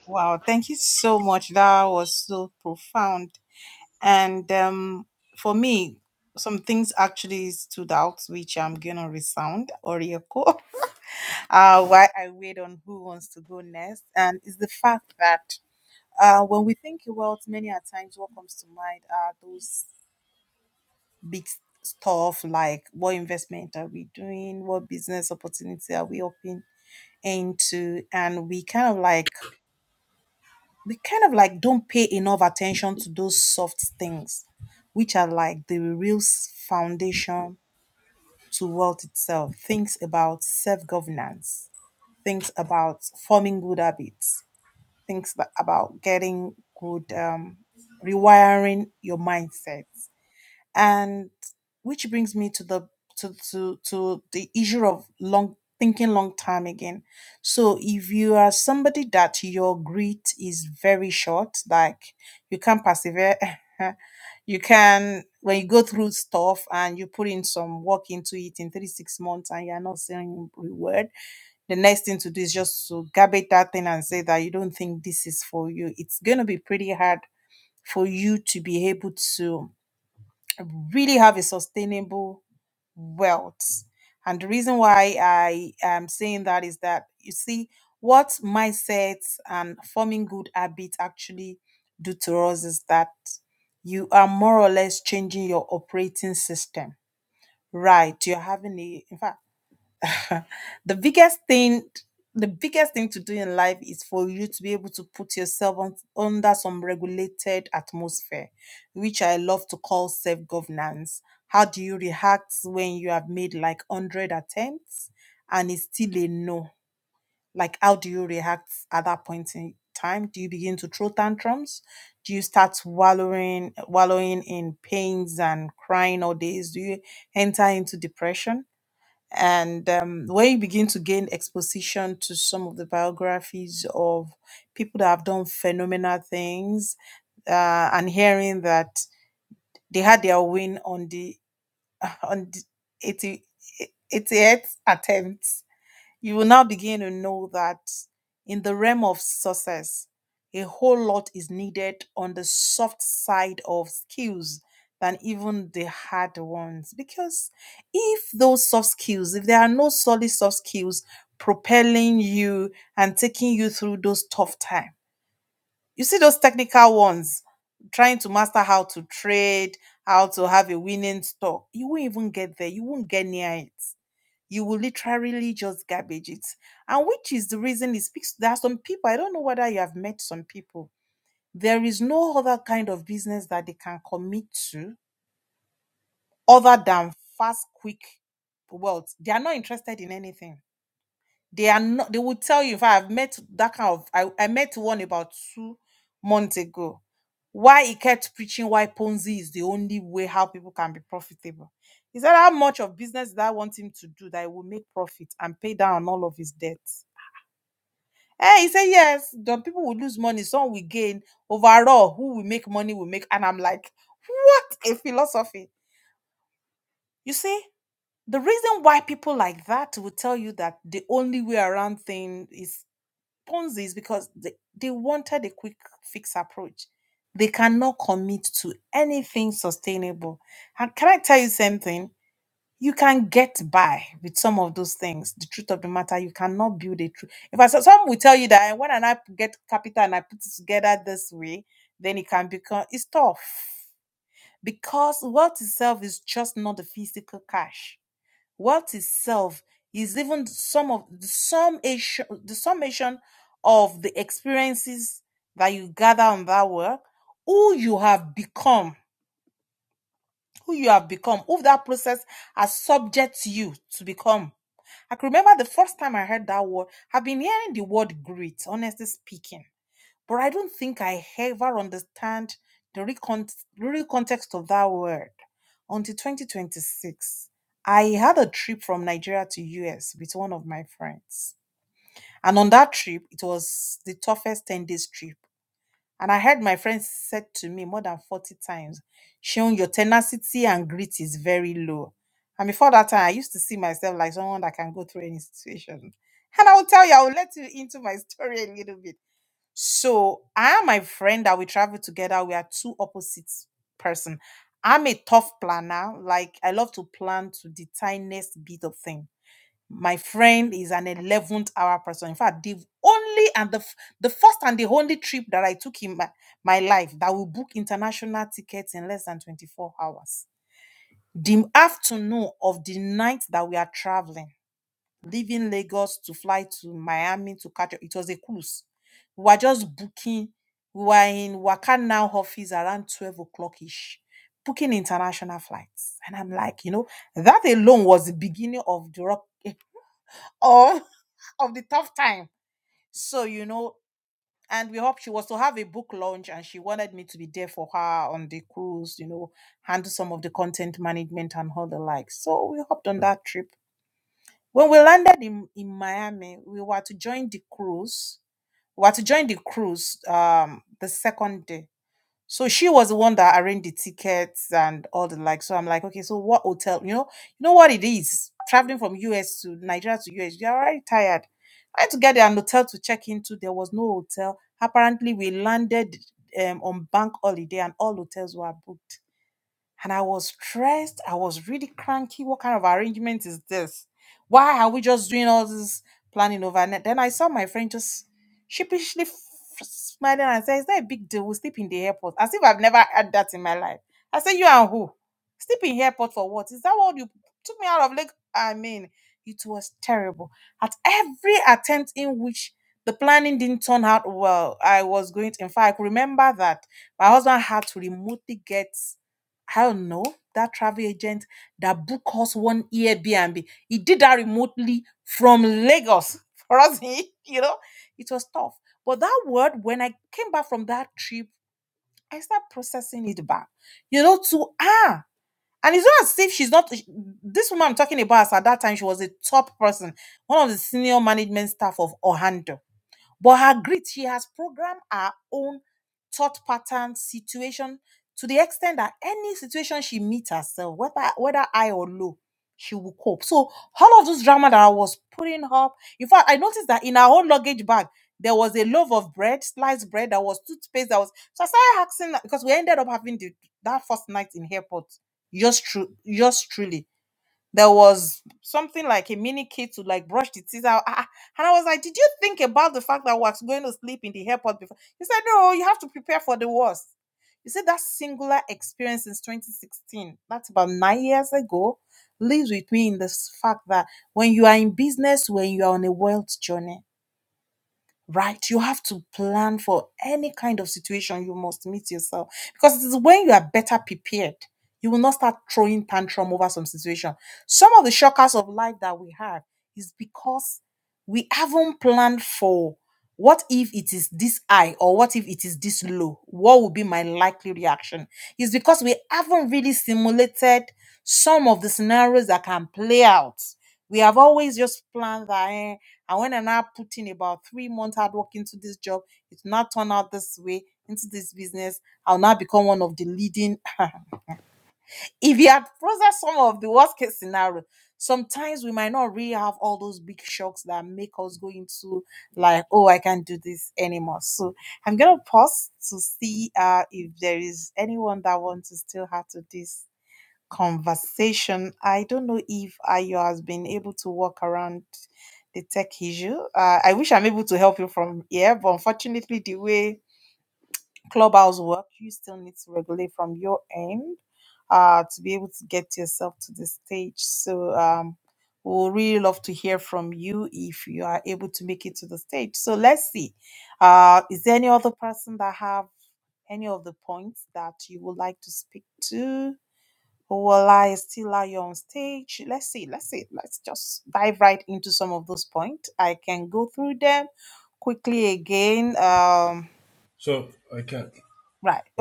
S2: So I can.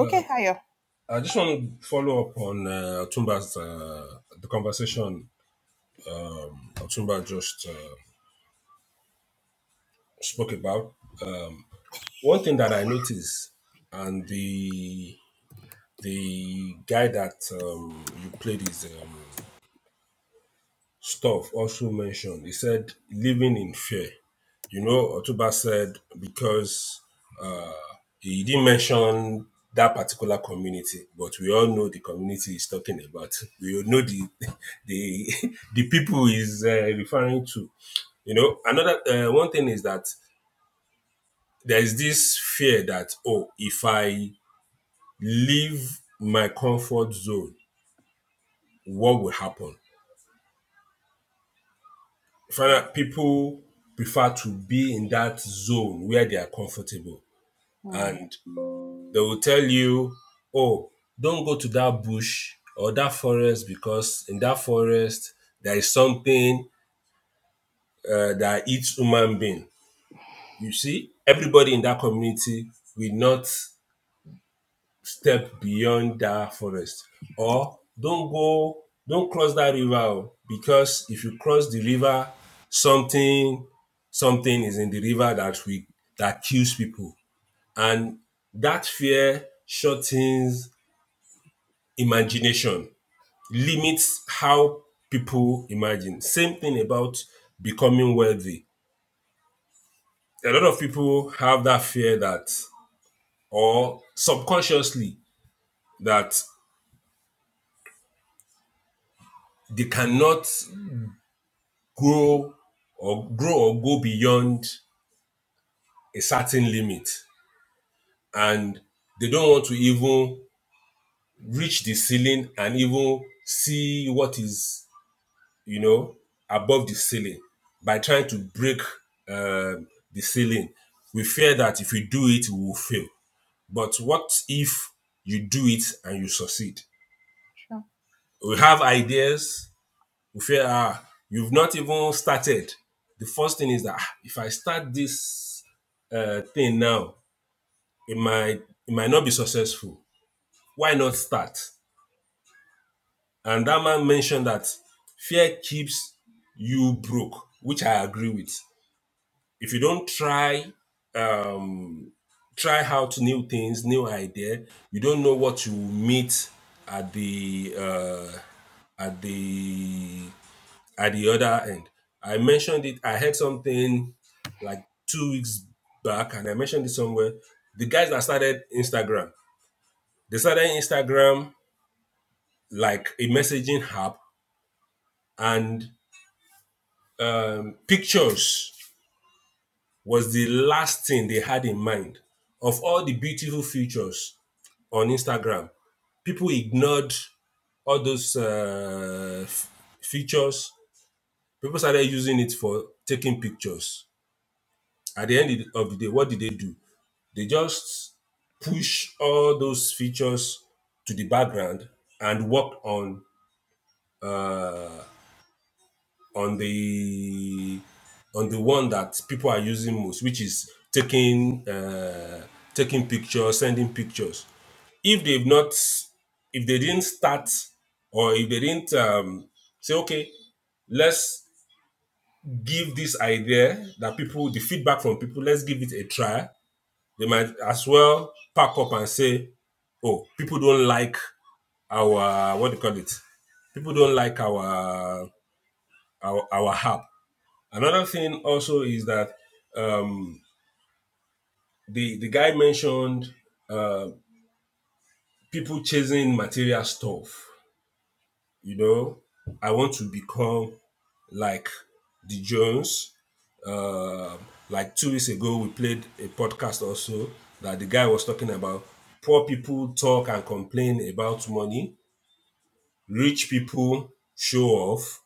S2: Uh, I just want to follow up on uh, Otumba's uh, the conversation Otumba just uh, spoke about. Um, one thing that I noticed, and the the guy that um, you played is um, stuff also mentioned. He said, living in fear. You know, Otuba said, because uh, he didn't mention that particular community, but we all know the community he's talking about. We all know the the, the people he's uh, referring to. You know, another uh, one thing is that there's this fear that, oh, if I leave my comfort zone, what will happen? find people prefer to be in that zone where they are comfortable and they will tell you oh don't go to that bush or that forest because in that forest there is something uh, that eats human being you see everybody in that community will not step beyond that forest or don't go don't cross that river because if you cross the river something something is in the river that we that kills people and that fear shortens imagination limits how people imagine same thing about becoming wealthy a lot of people have that fear that or subconsciously that they cannot grow or grow or go beyond a certain limit and they don't want to even reach the ceiling and even see what is you know above the ceiling by trying to break um the ceiling we fear that if you do it we will fail but what if you do it and you succeed we have ideas You feel ah, you've not even started. The first thing is that "Ah, if I start this uh, thing now, it might it might not be successful. Why not start? And that man mentioned that fear keeps you broke, which I agree with. If you don't try um, try out new things, new idea. You don't know what you meet at the uh, at the at the other end. I mentioned it, I heard something like two weeks back, and I mentioned it somewhere. The guys that started Instagram, they started Instagram like a messaging app, and um, pictures was the last thing they had in mind. Of all the beautiful features on Instagram, people ignored all those uh, f- features. People started using it for taking pictures At the end of the day, what did they do? They just push all those features to the background and work on on the on the one that people are using most, which is taking uh, taking pictures, sending pictures. If they've not, if they didn't start, or if they didn't um, say, okay, let's give this idea that people, the feedback from people, let's give it a try They might as well pack up and say, "Oh, people don't like our what do you call it? People don't like our our our app." Another thing also is that um, the the guy mentioned uh, people chasing material stuff. You know, I want to become like the Jones. Uh, like two weeks ago, we played a podcast also that the guy was talking about poor people talk and complain about money, rich people show off,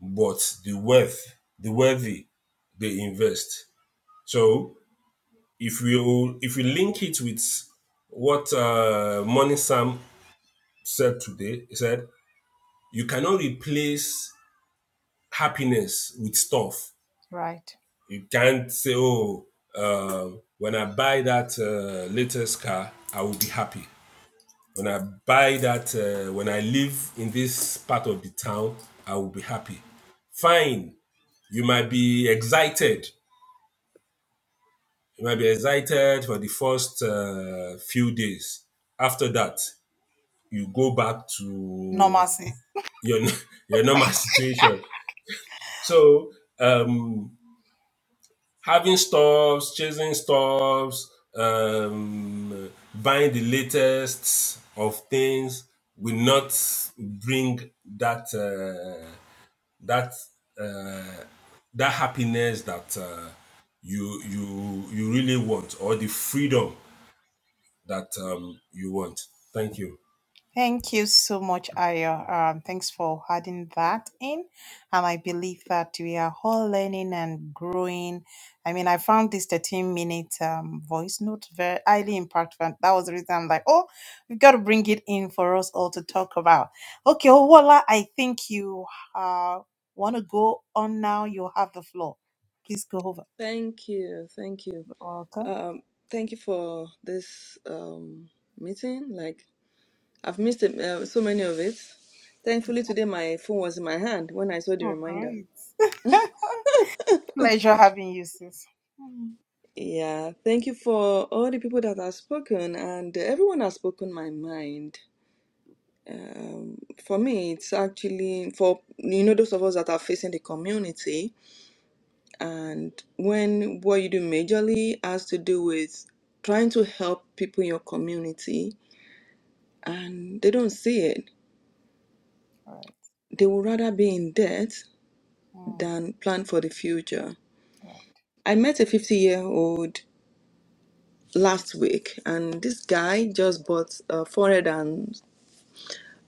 S2: but the wealth, the wealthy, they invest. So if we if we link it with what uh, Money Sam said today, he said you cannot replace happiness with stuff. You can't say, oh, um, when I buy that uh, latest car, I will be happy. When I buy that, uh, when I live in this part of the town, I will be happy. Fine, you might be excited. You might be excited for the first uh, few days. After that, you go back to your your normal situation. So um, having stuffs, chasing stuffs, um, buying the latest of things will not bring that uh, that uh, that happiness that uh, you you you really want or the freedom that um, you want. Thank you.
S4: Thank you. Thank you. Um, thank you for this um, meeting. Like, I've missed it, uh, so many of it. Thankfully, today my phone was in my hand when I saw the reminder. Yeah, thank you for all the people that have spoken, and everyone has spoken my mind. Uh, for me, it's actually for you know those of us that are facing the community, and when what you do majorly has to do with trying to help people in your community and they don't see it. They would rather be in debt than plan for the future. I met a 50 year old last week, and this guy just bought a 400 and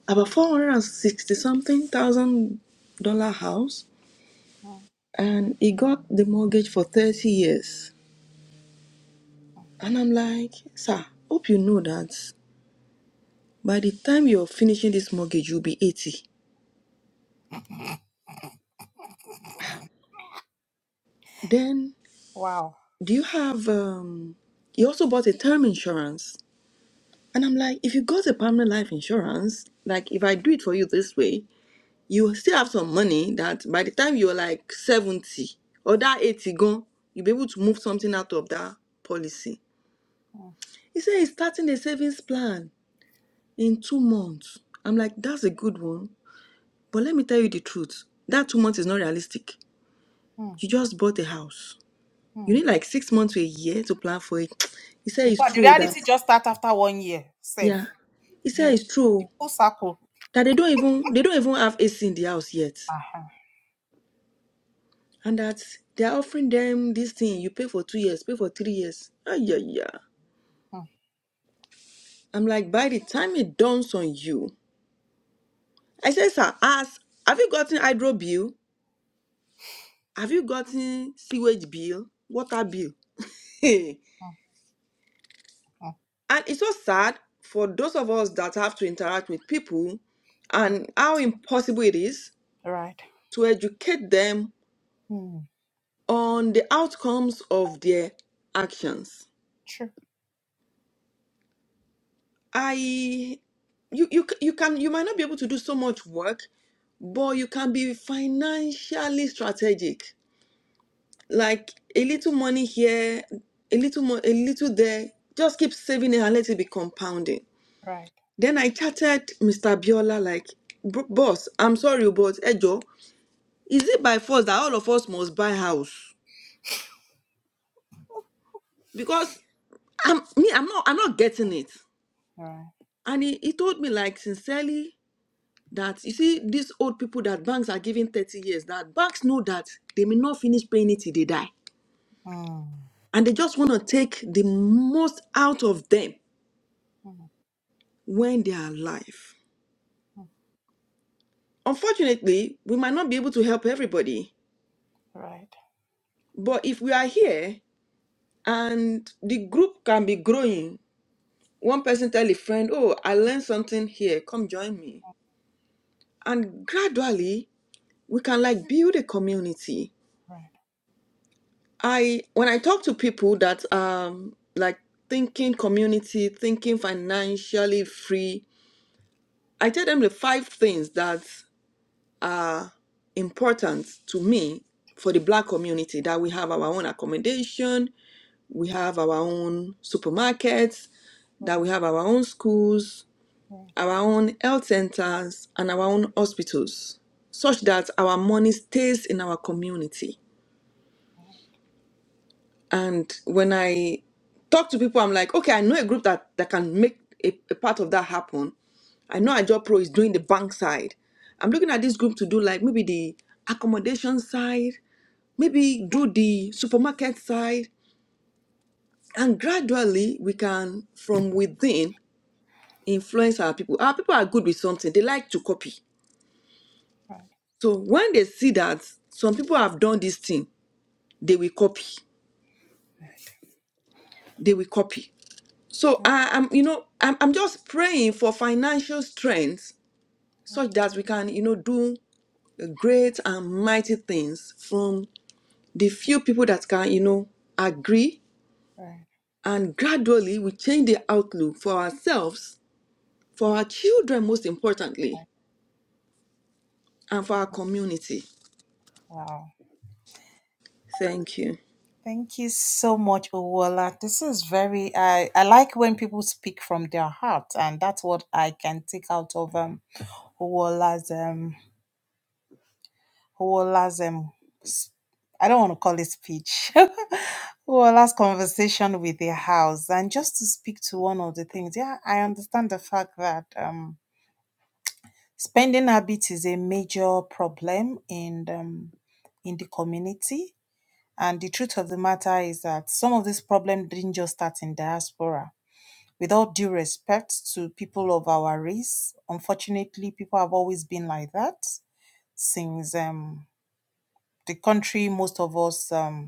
S4: about 460 something thousand dollar house, and he got the mortgage for 30 years. And I'm like, sir, hope you know that by the time you're finishing this mortgage, you'll be 80. Then, do you have, um, he also bought a term insurance And I'm like, if you got a permanent life insurance, like if I do it for you this way, you still have some money that by the time you're like 70 or that 80 gone, you'll be able to move something out of that policy. He said he's starting a savings plan in two months. I'm like, that's a good one. But let me tell you the truth. That two months is not realistic. You just bought a house. You need like six months to a year to plan for it. He said it's true that, yeah. He said it's true. that they don't even they don't even have AC in the house yet, and that they are offering them this thing. You pay for two years, pay for three years. Ah, yeah, yeah. I'm like, by the time it dawns on you, I said, sir, ask, have you gotten hydro bill? Have you gotten sewage bill, water bill? and it's so sad for those of us that have to interact with people, and how impossible it is to educate them on the outcomes of their actions I you you c- you can you might not be able to do so much work, but you can be financially strategic. Like a little money here, a little more, a little there. Just keep saving it and let it be compounding.
S1: Right.
S4: Then I chatted Mr. Biola like, "Bro- boss, I'm sorry, but Ejo, is it by force that all of us must buy house? Because I'm me, I'm not I'm not getting it. And he, he told me like sincerely, that you see these old people that banks are giving 30 years that banks know that they may not finish paying it till they die and they just want to take the most out of them when they are alive unfortunately we might not be able to help everybody but if we are here and the group can be growing one person tell a friend oh i learned something here come join me and gradually we can like build a community I when I talk to people that um like thinking community, thinking financially free, I tell them the five things that are important to me for the black community that we have our own accommodation, we have our own supermarkets, that we have our own schools, our own health centers and our own hospitals such that our money stays in our community And when I talk to people, I'm like, okay, I know a group that, that can make a, a part of that happen. I know Ajo Pro is doing the bank side. I'm looking at this group to do like maybe the accommodation side, maybe do the supermarket side. And gradually we can from within influence our people. Our people are good with something. They like to copy. So when they see that some people have done this thing, they will copy. They will copy. So I, I'm, you know, I'm, I'm just praying for financial strength such that we can, you know, do great and mighty things from the few people that can, you know, agree. And gradually we change the outlook for ourselves, for our children, most importantly, and for our community. Thank you.
S1: Out of um Uwola's um Huola's um, s- I don't want to call it speech. Huola's conversation with the house, and just to speak to one of the things. Yeah, I understand the fact that um, spending habit is a major problem in um, in the community. And the truth of the matter is that some of this problem didn't just start in diaspora. With all due respect to people of our race, unfortunately, people have always been like that since um, the country most of us um,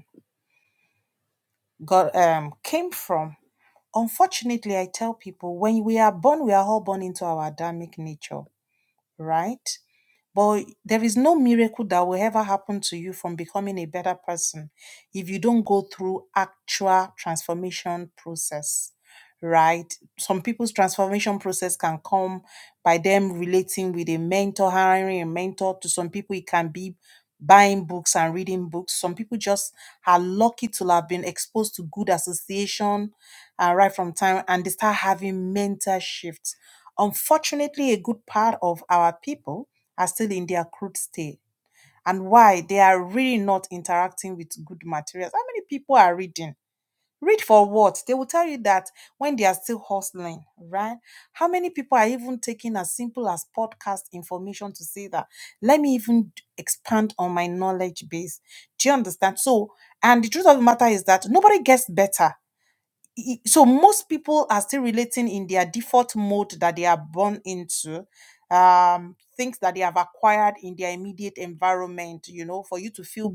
S1: got um came from unfortunately i tell people when we are born we are all born into our adamic nature right? But there is no miracle that will ever happen to you from becoming a better person if you don't go through actual transformation process, right? Some people's transformation process can come by them relating with a mentor, hiring a mentor. To some people, it can be buying books and reading books. Some people just are lucky to have been exposed to good association uh, right from time and they start having mental shifts. Unfortunately, a good part of our people are still in their crude state. And why? They are really not interacting with good materials. How many people are reading? Read for what? They will tell you that when they are still hustling, right? How many people are even taking as simple as podcast information to say that, let me even expand on my knowledge base? Do you understand? So, and the truth of the matter is that nobody gets better i- so most people are still relating in their default mode that they are born into um things that they have acquired in their immediate environment you know for you to feel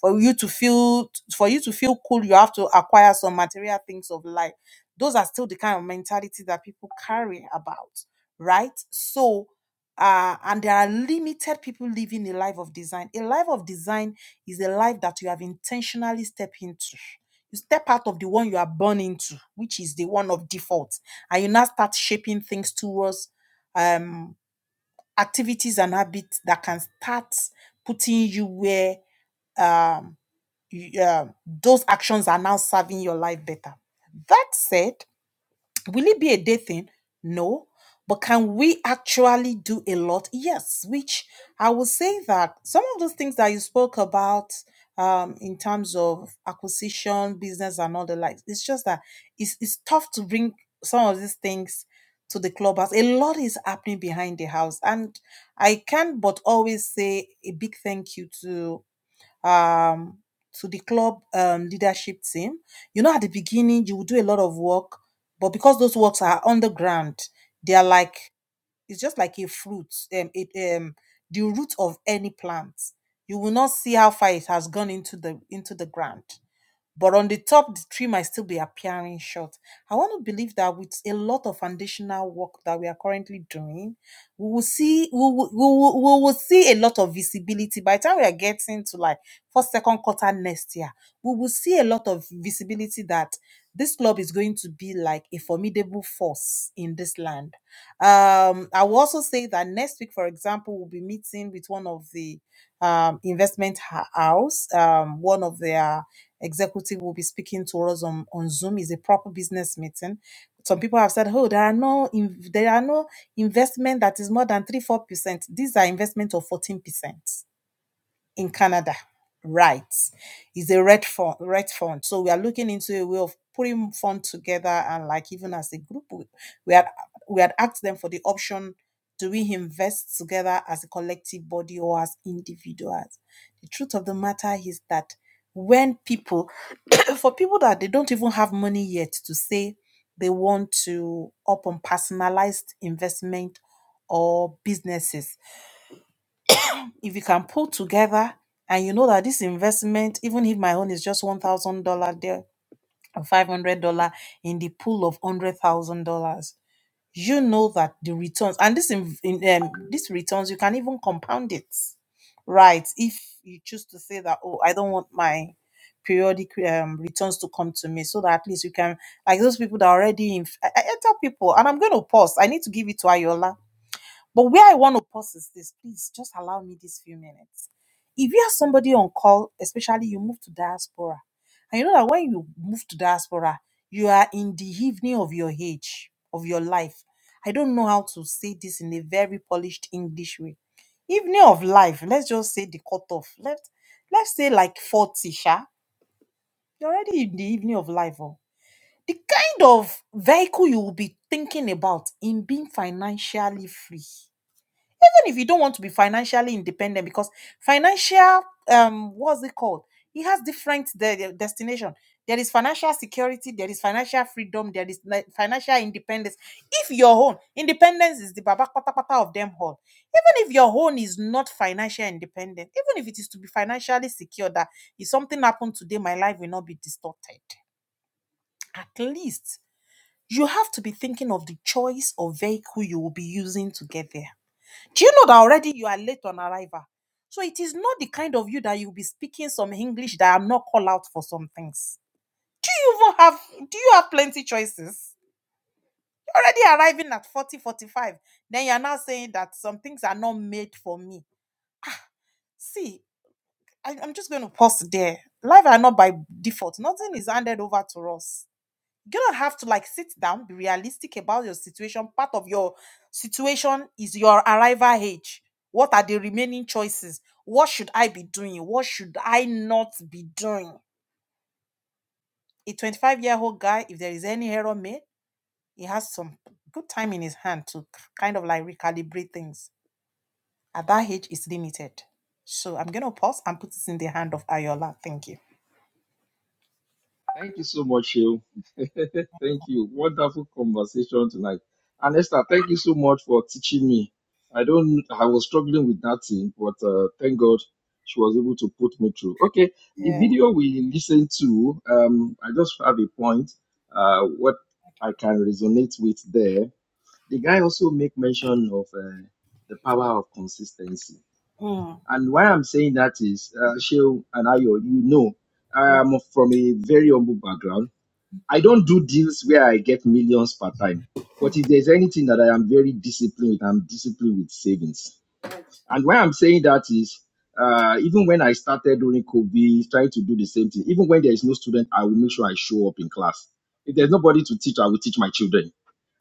S1: for you to feel for you to feel cool you have to acquire some material things of life those are still the kind of mentality that people carry about right so uh, and there are limited people living a life of design. A life of design is a life that you have intentionally stepped into you step out of the one you are born into, which is the one of default, and you now start shaping things towards um, activities and habits that can start putting you where um, you, um, those actions are now serving your life better. That said, Will it be a day thing? No. But can we actually do a lot? Yes, which I will say that some of those things that you spoke about um, in terms of acquisition, business, and all the likes, it's just that it's, it's tough to bring some of these things to the clubhouse. A lot is happening behind the house. And I can but always say a big thank you to um to the club um leadership team. You know, at the beginning you will do a lot of work, but because those works are underground, they are like it's just like a fruit, um, it, um, the root of any plant. You will not see how far it has gone into the into the ground but on the top the tree might still be appearing short i want to believe that with a lot of foundational work that we are currently doing we will see we will, we will, we will see a lot of visibility by the time we are getting to like first second quarter next year we will see a lot of visibility that this club is going to be like a formidable force in this land um i will also say that next week for example we'll be meeting with one of the um investment hou- house um one of their executive will be speaking to us on, on Zoom. is a proper business meeting. Some people have said, "Oh, there are no in, there are no investment that is more than three four percent. These are investment of fourteen percent in Canada rights is a red fund, red fund. So we are looking into a way of putting fund together and like even as a group, we, we had we had asked them for the option: do we invest together as a collective body or as individuals? The truth of the matter is that when people, for people that they don't even have money yet to say they want to up on personalized investment or businesses if you can pull together and you know that this investment, even if my own is just one thousand dollar there or five hundred dollar in the pool of hundred thousand dollars, you know that the returns and this in, in um, these returns you can even compound it, right? If you choose to say that, oh, I don't want my periodic um, returns to come to me, so that at least you can like those people that already in. I, I I tell people, and I'm going to pause. I need to give it to Ayola but where I want to pause is this. Please just allow me these few minutes. If you are somebody on call, especially you move to diaspora, and you know that when you move to diaspora, you are in the evening of your age, of your life. I don't know how to say this in a very polished English way. Evening of life, let's just say the cutoff. Let, let's say like 40, sha. You're already in the evening of life. Oh the kind of vehicle you will be thinking about in being financially free if you don't want to be financially independent because financial um what's it called it has different de- de- destination there is financial security there is financial freedom there is like financial independence if your own independence is the baba patapata of them all even if your own is not financial independent even if it is to be financially secure that if something happened today my life will not be distorted at least you have to be thinking of the choice of vehicle you will be using to get there do you know that already you are late on arrival? So it is not the kind of you that you'll be speaking some English that I'm not called out for some things. Do you even have do you have plenty choices? You're already arriving at 40 45. Then you're now saying that some things are not made for me. See, I, I'm just going to pause there. Life are not by default. Nothing is handed over to us. You gonna have to like sit down, be realistic about your situation. Part of your situation is your arrival age. What are the remaining choices? What should I be doing? What should I not be doing? A 25 year old guy, if there is any error made, he has some good time in his hand to kind of like recalibrate things. At that age, it's limited. So I'm gonna pause and put it in the hand of Ayola. Thank you.
S5: Thank you so much, you. thank you. Wonderful conversation tonight. And Esther, thank you so much for teaching me. I don't, I was struggling with that thing, but uh, thank God she was able to put me through. Okay, the video we listened to, um, I just have a point, uh, what I can resonate with there. The guy also make mention of uh, the power of consistency. And why I'm saying that is, uh, Sheil and I, you know, I am from a very humble background I don't do deals where I get millions per time. But if there's anything that I am very disciplined with, I'm disciplined with savings. And why I'm saying that is, uh, even when I started during COVID, trying to do the same thing, even when there is no student, I will make sure I show up in class. If there's nobody to teach, I will teach my children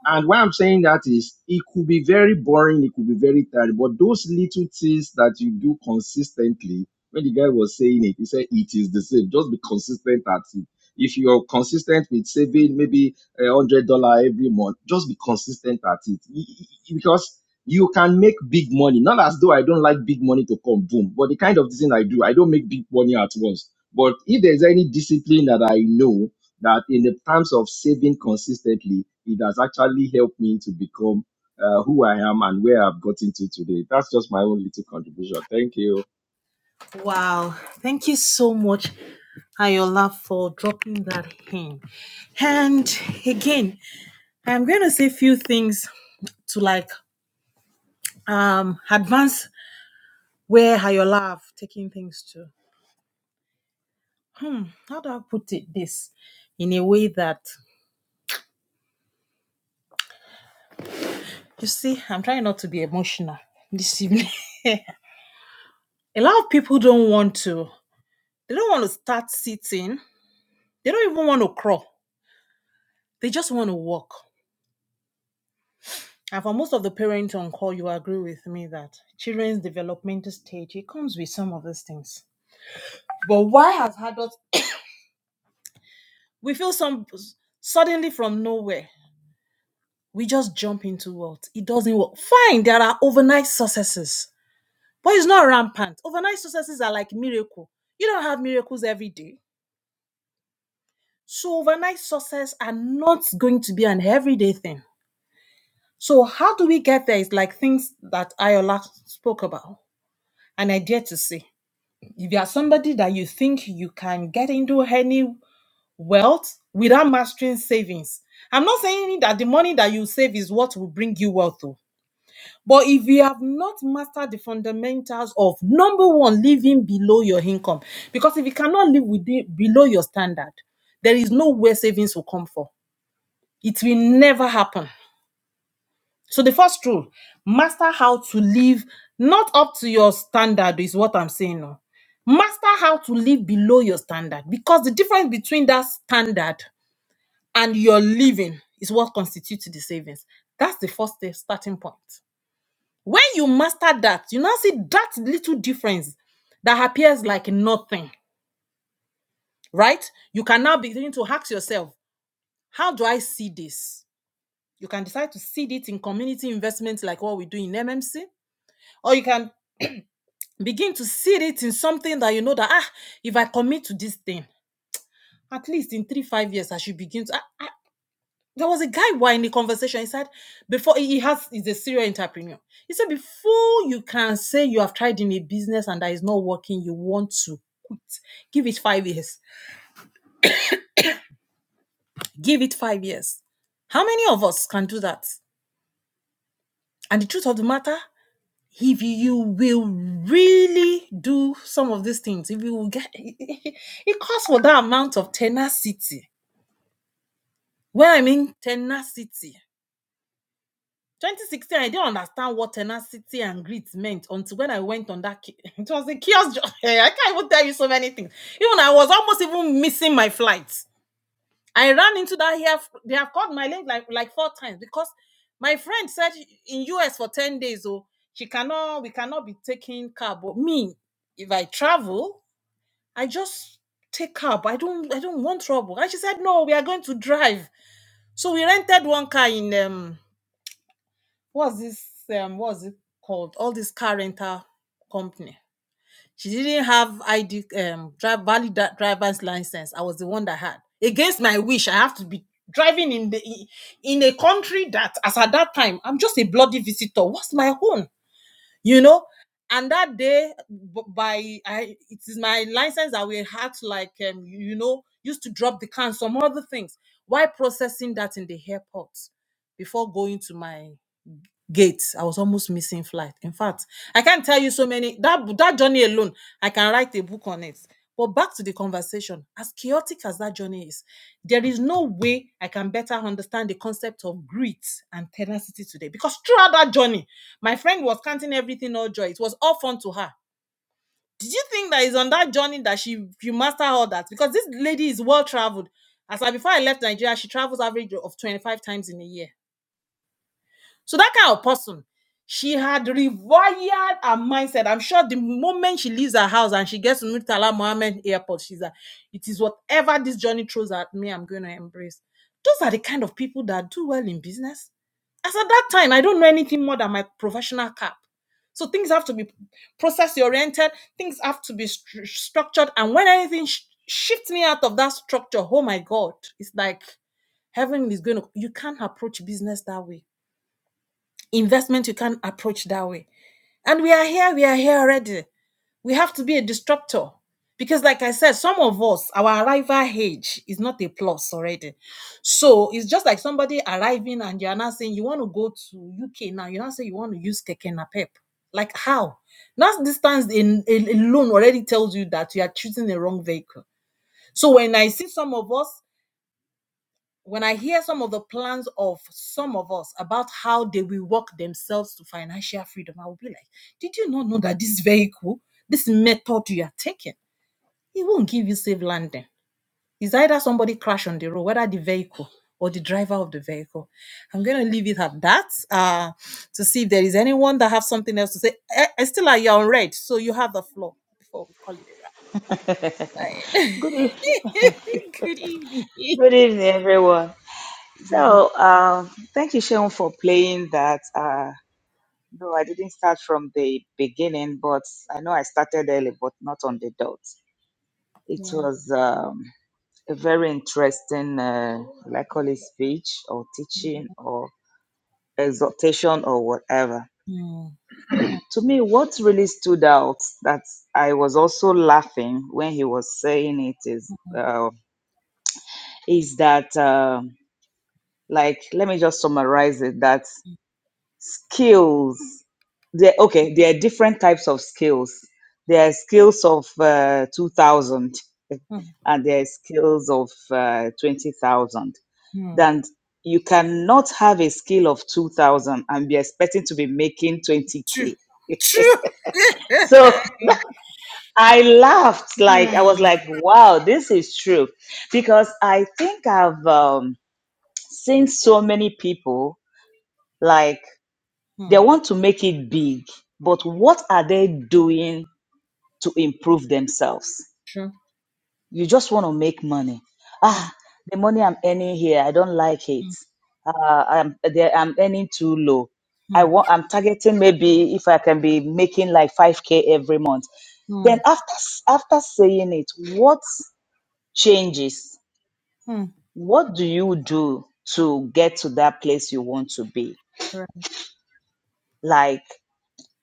S5: and why I'm saying that is it could be very boring, it could be very tiring, but those little things that you do consistently, when the guy was saying it, he said it is the same. Just be consistent at it. If you're consistent with saving maybe a hundred dollar every month, just be consistent at it E- e- e- because you can make big money. Not as though I don't like big money to come boom, but the kind of thing I do, I don't make big money at once. But if there's any discipline that I know, that in the terms of saving consistently, it has actually helped me to become uh, who I am and where I've gotten to today. That's just my own little contribution. Thank you.
S1: Wow. Thank you so much. Ayola for dropping that in. And again, I'm going to say a few things to like um advance where Ayola have taken things to. How do I put it this in a way that you see, I'm trying not to be emotional this evening. a lot of people don't want to, they don't want to start sitting, they don't even want to crawl, they just want to walk. And for most of the parents on call, you agree with me that children's developmental stage, it comes with some of these things But why has adults? We feel some suddenly from nowhere. We just jump into what it doesn't work. Fine, there are overnight successes, but it's not rampant. Overnight successes are like miracle. You don't have miracles every day, so overnight success are not going to be an everyday thing. So how do we get there? It's like things that Ayola spoke about, and I dare to say, if you are somebody that you think you can get into any wealth without mastering savings. I'm not saying that the money that you save is what will bring you wealth, though. But if you have not mastered the fundamentals of number one, living below your income, because if you cannot live within, below your standard, there is no way savings will come for. It will never happen. So the first rule, master how to live not up to your standard is what I'm saying now. Master how to live below your standard because the difference between that standard and your living is what constitutes the savings. That's the first starting point. When you master that, you now see that little difference that appears like nothing, right? You can now begin to ask yourself, how do I see this? You can decide to seed it in community investments like what we do in MMC, or you can begin to seed it in something that you know that, ah, if I commit to this thing, at least in three, five years, I should begin to. ah. there was a guy who in the conversation. He said before he has he's a serial entrepreneur. He said before you can say you have tried in a business and that is not working, you want to give it five years. Give it five years. How many of us can do that? And the truth of the matter, if you will really do some of these things, if you will get it calls for that amount of tenacity. Well, I mean tenacity. 2016, I didn't understand what tenacity and grit meant until when I went on that. ki- It was a kiosk. jo- Hey, I can't even tell you so many things. Even I was almost even missing my flight. I ran into that here. They have called my leg like, like four times because my friend said in US for 10 days, oh, she cannot, we cannot be taking cab. But me, if I travel, I just take cab. I don't, I don't want trouble. And she said, no, we are going to drive. So we rented one car in um what's this um what's it called all this car rental company she didn't have id um drive valid dri- driver's license i was the one that had against my wish i have to be driving in the in a country that as at that time i'm just a bloody visitor what's my own you know and that day b- by i it is my license that we had to like um you know used to drop the can some other things why processing that in the airport before going to my gates. I was almost missing flight. In fact, I can't tell you so many that that journey alone, I can write a book on it. But back to the conversation, as chaotic as that journey is, there is no way I can better understand the concept of grit and tenacity today. Because throughout that journey, my friend was counting everything all joy. It was all fun to her. Did you think that it's on that journey that she you master all that? Because this lady is well traveled. As I before I left Nigeria, she travels average of 25 times in a year so that kind of person, she had rewired her mindset. I'm sure the moment she leaves her house and she gets to Murtala Mohammed Airport, she's like, it is whatever this journey throws at me, I'm going to embrace. Those are the kind of people that do well in business. As at that time, I don't know anything more than my professional cap. So things have to be process oriented, things have to be stru- structured. And when anything sh- shifts me out of that structure, oh my God, it's like heaven is going to, you can't approach business that way Investment you can't approach that way. And we are here, we are here already. We have to be a disruptor. Because, like I said, some of us, our arrival age is not a plus already. So it's just like somebody arriving and you're not saying you want to go to UK now. You're not saying you want to use Keke Napep. Like how? That distance in, in- alone already tells you that you are choosing the wrong vehicle. So when I see some of us when I hear some of the plans of some of us about how they will work themselves to financial freedom, I will be like, did you not know that this vehicle, this method you are taking, it won't give you safe landing? It's either somebody crash on the road, whether the vehicle or the driver of the vehicle. I'm going to leave it at that uh, to see if there is anyone that have something else to say. Eh, Estela, you're on red, so you have the floor before we call it a wrap. Right.
S6: Good evening.
S1: Good evening.
S6: Good
S1: Good
S6: evening, everyone.
S1: evening.
S6: So, um, thank you, Sean, for playing that. Uh, no, I didn't start from the beginning, but I know I started early, but not on the dot. It was um, a very interesting, uh, like call it speech or teaching or exhortation or whatever. To me, what really stood out that I was also laughing when he was saying it is uh, is that. Um, like let me just summarize it that skills there okay there are different types of skills there are skills of uh, 2000
S1: Hmm.
S6: and there are skills of uh, 20000 then you cannot have a skill of 2000 and be expecting to be making
S1: True.
S6: 20k
S1: True.
S6: so i laughed
S1: Hmm.
S6: like i was like wow this is true because i think i've um, seen so many people like
S1: Hmm,
S6: They want to make it big, but what are they doing to improve themselves? You just want to make money.
S1: hmm,
S6: Ah, the money I'm earning here, I don't like it. Uh, I'm, they- I'm earning too low.
S1: hmm,
S6: I want, I'm targeting maybe if I can be making like 5K every month.
S1: hmm,
S6: Then after, s- after saying it, what changes?
S1: hmm,
S6: What do you do to get to that place you want to be? Like,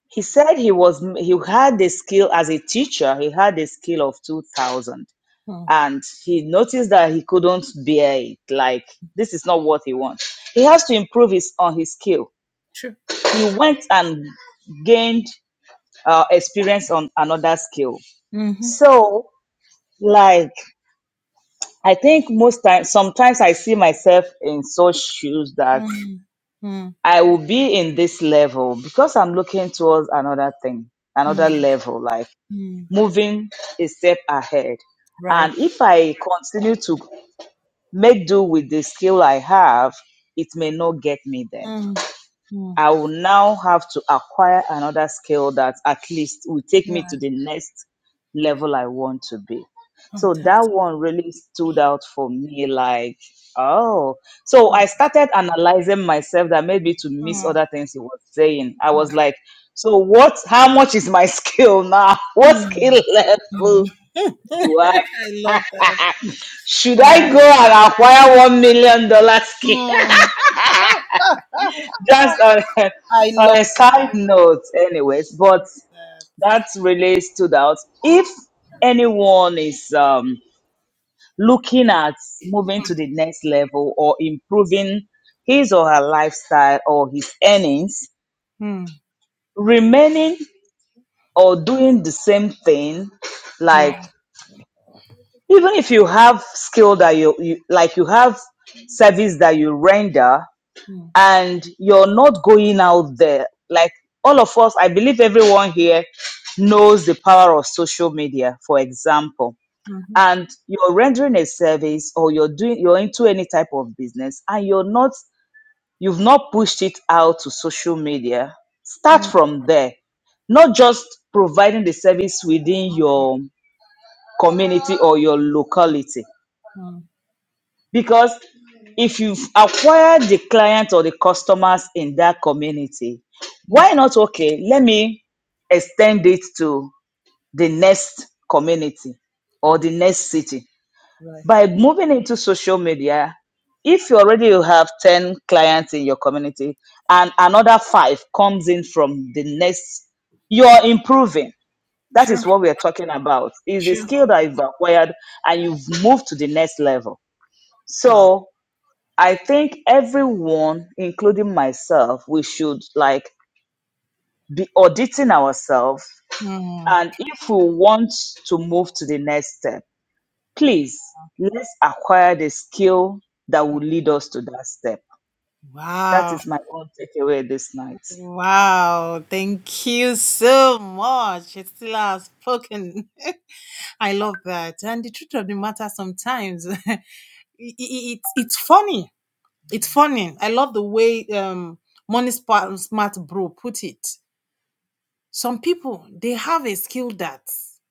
S6: He said he was he had the skill as a teacher. He had the skill of two thousand, and he noticed that he couldn't bear it. Like this is not what he wants. He has to improve his on his skill. He went and gained uh, experience on another skill.
S1: mhm,
S6: So like I think most times, sometimes I see myself in such shoes that
S1: hmm, hmm,
S6: I will be in this level because I'm looking towards another thing,
S1: hmm,
S6: another level. Like
S1: hmm.
S6: moving a step ahead.
S1: Right.
S6: And if I continue to make do with the skill I have, it may not get me there.
S1: Hmm, hmm,
S6: I will now have to acquire another skill that at least will take me
S1: Right.
S6: to the next level I want to be. So that
S1: Contact.
S6: one really stood out for me like, oh. So I started analyzing myself that maybe to miss
S1: Hmm,
S6: other things he was saying. I was like, so what how much is my skill now? What
S1: hmm,
S6: skill
S1: hmm.
S6: level do
S1: I
S6: I?
S1: love that.
S6: Should I
S1: I,
S6: go and acquire one million dollar skin?
S1: hmm,
S6: Just on a,
S1: I
S6: on a
S1: love
S6: side
S1: that.
S6: note, anyways. But that really stood out. If anyone is um, looking at moving to the next level or improving his or her lifestyle or his earnings,
S1: Hmm.
S6: remaining or doing the same thing, like even if you have skill that you, you like, you have service that you render and you're not going out there. Like all of us, I believe everyone here knows the power of social media, for example. And you're rendering a service or you're doing you're into any type of business and you're not you've not pushed it out to social media. Start from there. Not just providing the service within your community or your locality because if you've acquired the client or the customers in that community why not okay let me extend it to the next community or the next city by moving into social media if you already have 10 clients in your community and another five comes in from the next you're improving that is what we are talking about is a skill that you've acquired and you've moved to the next level
S1: ah,
S6: so I think everyone, including myself, we should like be auditing ourselves.
S1: hmm.
S6: And if we want to move to the next step, please let's acquire the skill that will lead us to that step. That
S1: Wow.
S6: is my own takeaway this night.
S1: Wow. Thank you so much. It's still outspoken. I love that. And the truth of the matter sometimes it, it, it's funny It's funny. I love the way um Money Smart, Smart Bro put it. Some people they have a skill that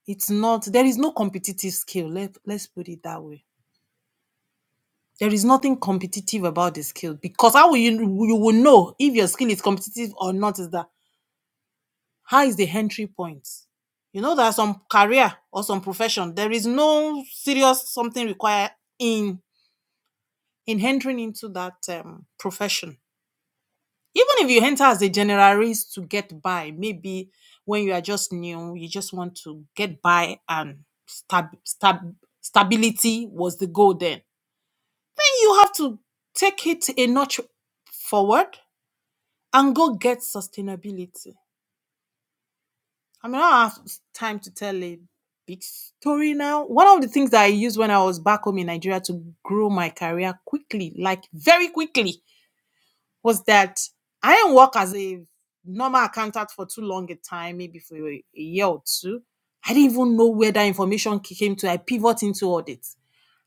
S1: it's not there is no competitive skill. Let, let's put it that way. There is nothing competitive about the skill because how will you you will know if your skill is competitive or not is that how is the entry point? You know there are some career or some profession. There is no serious something required in in entering into that um, profession Even if you enter as a generalist to get by, maybe when you are just new, you just want to get by and stab, stab, stability was the goal then. Then you have to take it a notch forward and go get sustainability. I mean, I don't have time to tell a big story now. One of the things that I used when I was back home in Nigeria to grow my career quickly, like very quickly, was that I didn't work as a normal accountant for too long a time, maybe for a year or two. I didn't even know where that information came to. I pivoted into audit.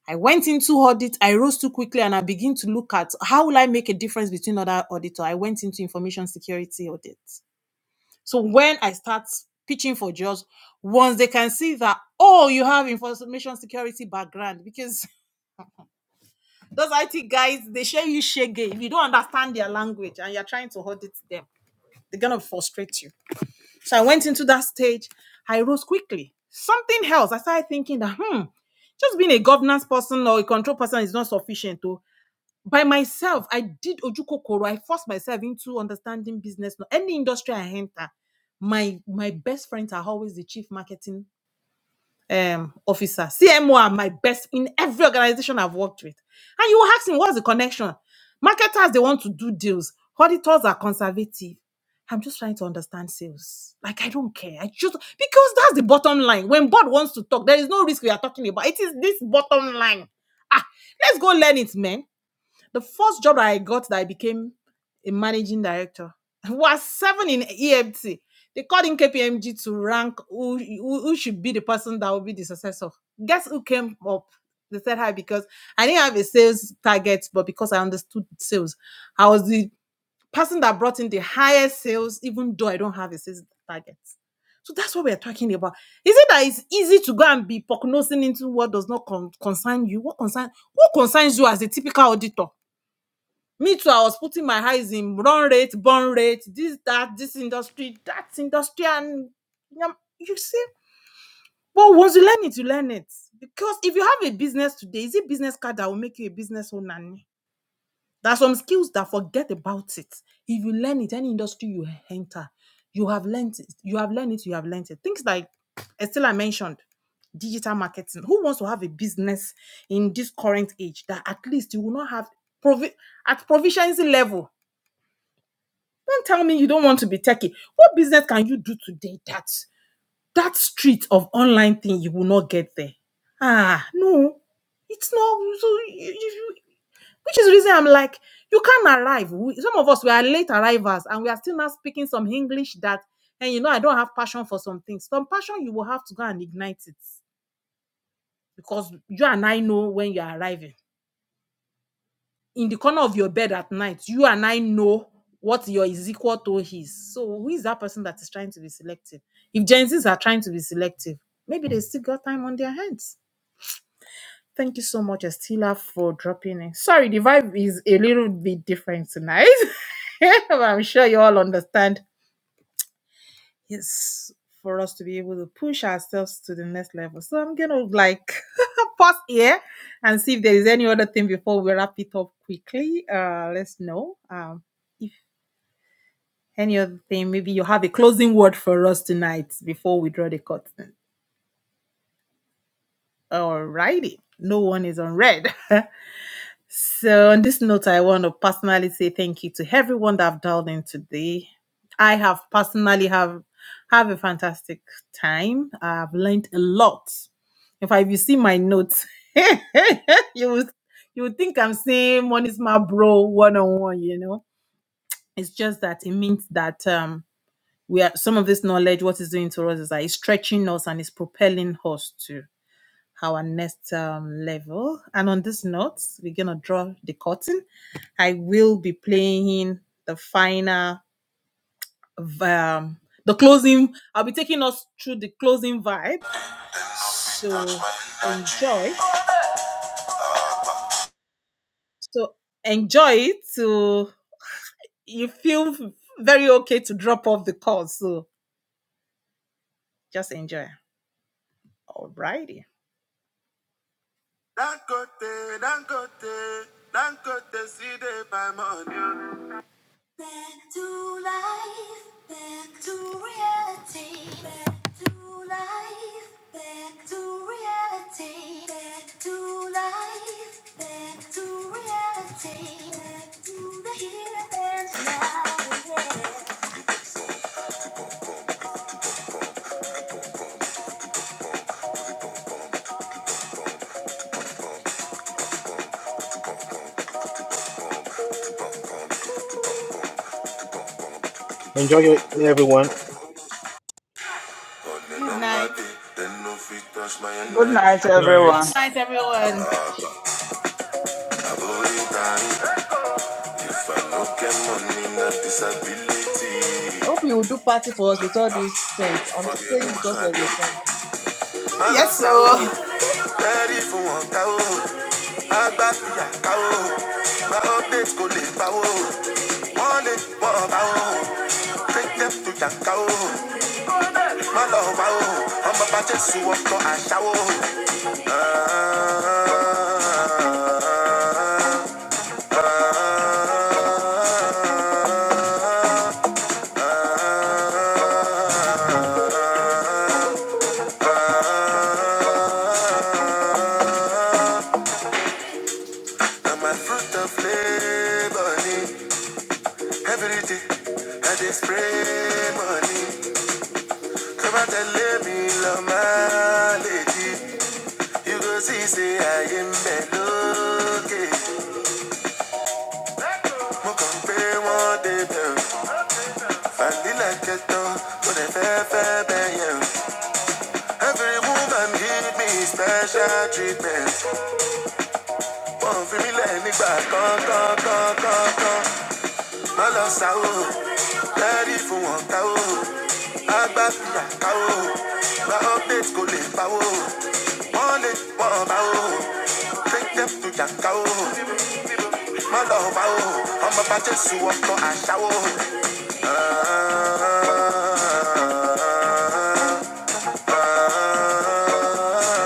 S1: I went into audit. I rose too quickly, and I begin to look at how will I make a difference between other auditor. I went into information security audit. So when I start pitching for jobs, once they can see that oh, you have information security background because those IT guys they share you shege if you don't understand their language and you're trying to audit them. They're gonna frustrate you. So I went into that stage. I rose quickly. Something else. I started thinking that hmm, just being a governance person or a control person is not sufficient. To by myself, I did ojukokoro. I forced myself into understanding business. no, Any industry I enter, my my best friends are always the chief marketing um officer. CMO are my best in every organization I've worked with. And you ask me what's the connection? Marketers they want to do deals. Auditors are conservative. I'm just trying to understand sales. Like I don't care. I just because that's the bottom line. When board wants to talk, there is no risk we are talking about. It is this bottom line. Ah, let's go learn it, man. The first job that I got that I became a managing director was seven in EFT. They called in KPMG to rank who, who, who should be the person that will be the successor. Guess who came up? They said hi because I didn't have a sales target, but because I understood sales, I was the person that brought in the highest sales, even though I don't have a sales target. So that's what we're talking about. Is it that it's easy to go and be prognosing into what does not con- concern you? What concern what concerns you as a typical auditor? me too i was putting my eyes in run rate burn rate this that this industry that industry and you see but once you learn it you learn it because if you have a business today is it business card that will make you a business owner there are some skills that forget about it if you learn it any industry you enter you have learned it you have learned it you have learned it things like estella mentioned digital marketing who wants to have a business in this current age that at least you will not have provi- at proficiency level tell me you don't want to be techie. What business can you do today that that street of online thing you will not get there? Ah, no, it's not. So you, you- which is the reason I'm like, you can't arrive. We, some of us we are late arrivals, and we are still not speaking some English that. And you know, I don't have passion for some things. Some passion you will have to go and ignite it because you and I know when you are arriving in the corner of your bed at night, you and I know what your is equal to his. So who is that person that is trying to be selective? If Gen Zs are trying to be selective, maybe they still got time on their hands. Thank you so much, Estila, for dropping in. Sorry, the vibe is a little bit different tonight. I'm sure you all understand Yes, for us to be able to push ourselves to the next level. So I'm gonna like pause here and see if there is any other thing before we wrap it up quickly. Uh, let's know um, if any other thing. Maybe you have a closing word for us tonight before we draw the curtain. Alrighty, no one is on red. All So, on this note, I want to personally say thank you to everyone that have dialed in today. I have personally have have a fantastic time. I've learned a lot. In fact, if you see my notes, you would you would think I'm saying one is my bro one on one. You know, it's just that it means that um we are some of this knowledge. What is doing to us is that it's stretching us and it's propelling us to our next um, level. And on this note, we're going to draw the curtain. I will be playing the final, v- um, the closing. I'll be taking us through the closing vibe. So enjoy. So enjoy it. So you feel very okay to drop off the call. So just enjoy. Alrighty. Dangote, Dangote, Dangote, see the my money.
S3: Enjoy everyone.
S1: Good night. Then brush
S6: Good
S1: my
S6: night,
S2: Good night.
S6: everyone.
S1: night, everyone.
S4: I hope you will do party for us with all these songs. I'm staying because of the song.
S1: Yes, so. I'm a fruit of labor every day. I dey spray money. Come and tell me, love my lady. You go see, say I am melody. Mo kàn pé wọ́n débẹ̀ o. Vanilla kẹtọ, kò lè fẹ́ fẹ́ bẹ́yẹn o. Every woman give me special treatment. Wọ́n fi mí lẹ̀ nígbà kankankankankan. Má lọ sá o, lẹ́rí fún wọn ká o. Agbá fìyà ká o. Gba update kò lè bá o. Wọ́n lè wọ́n bá o. Take them to jàǹká o. my love, bá o. Ọmọ bá Jésù for àṣà o. Ah.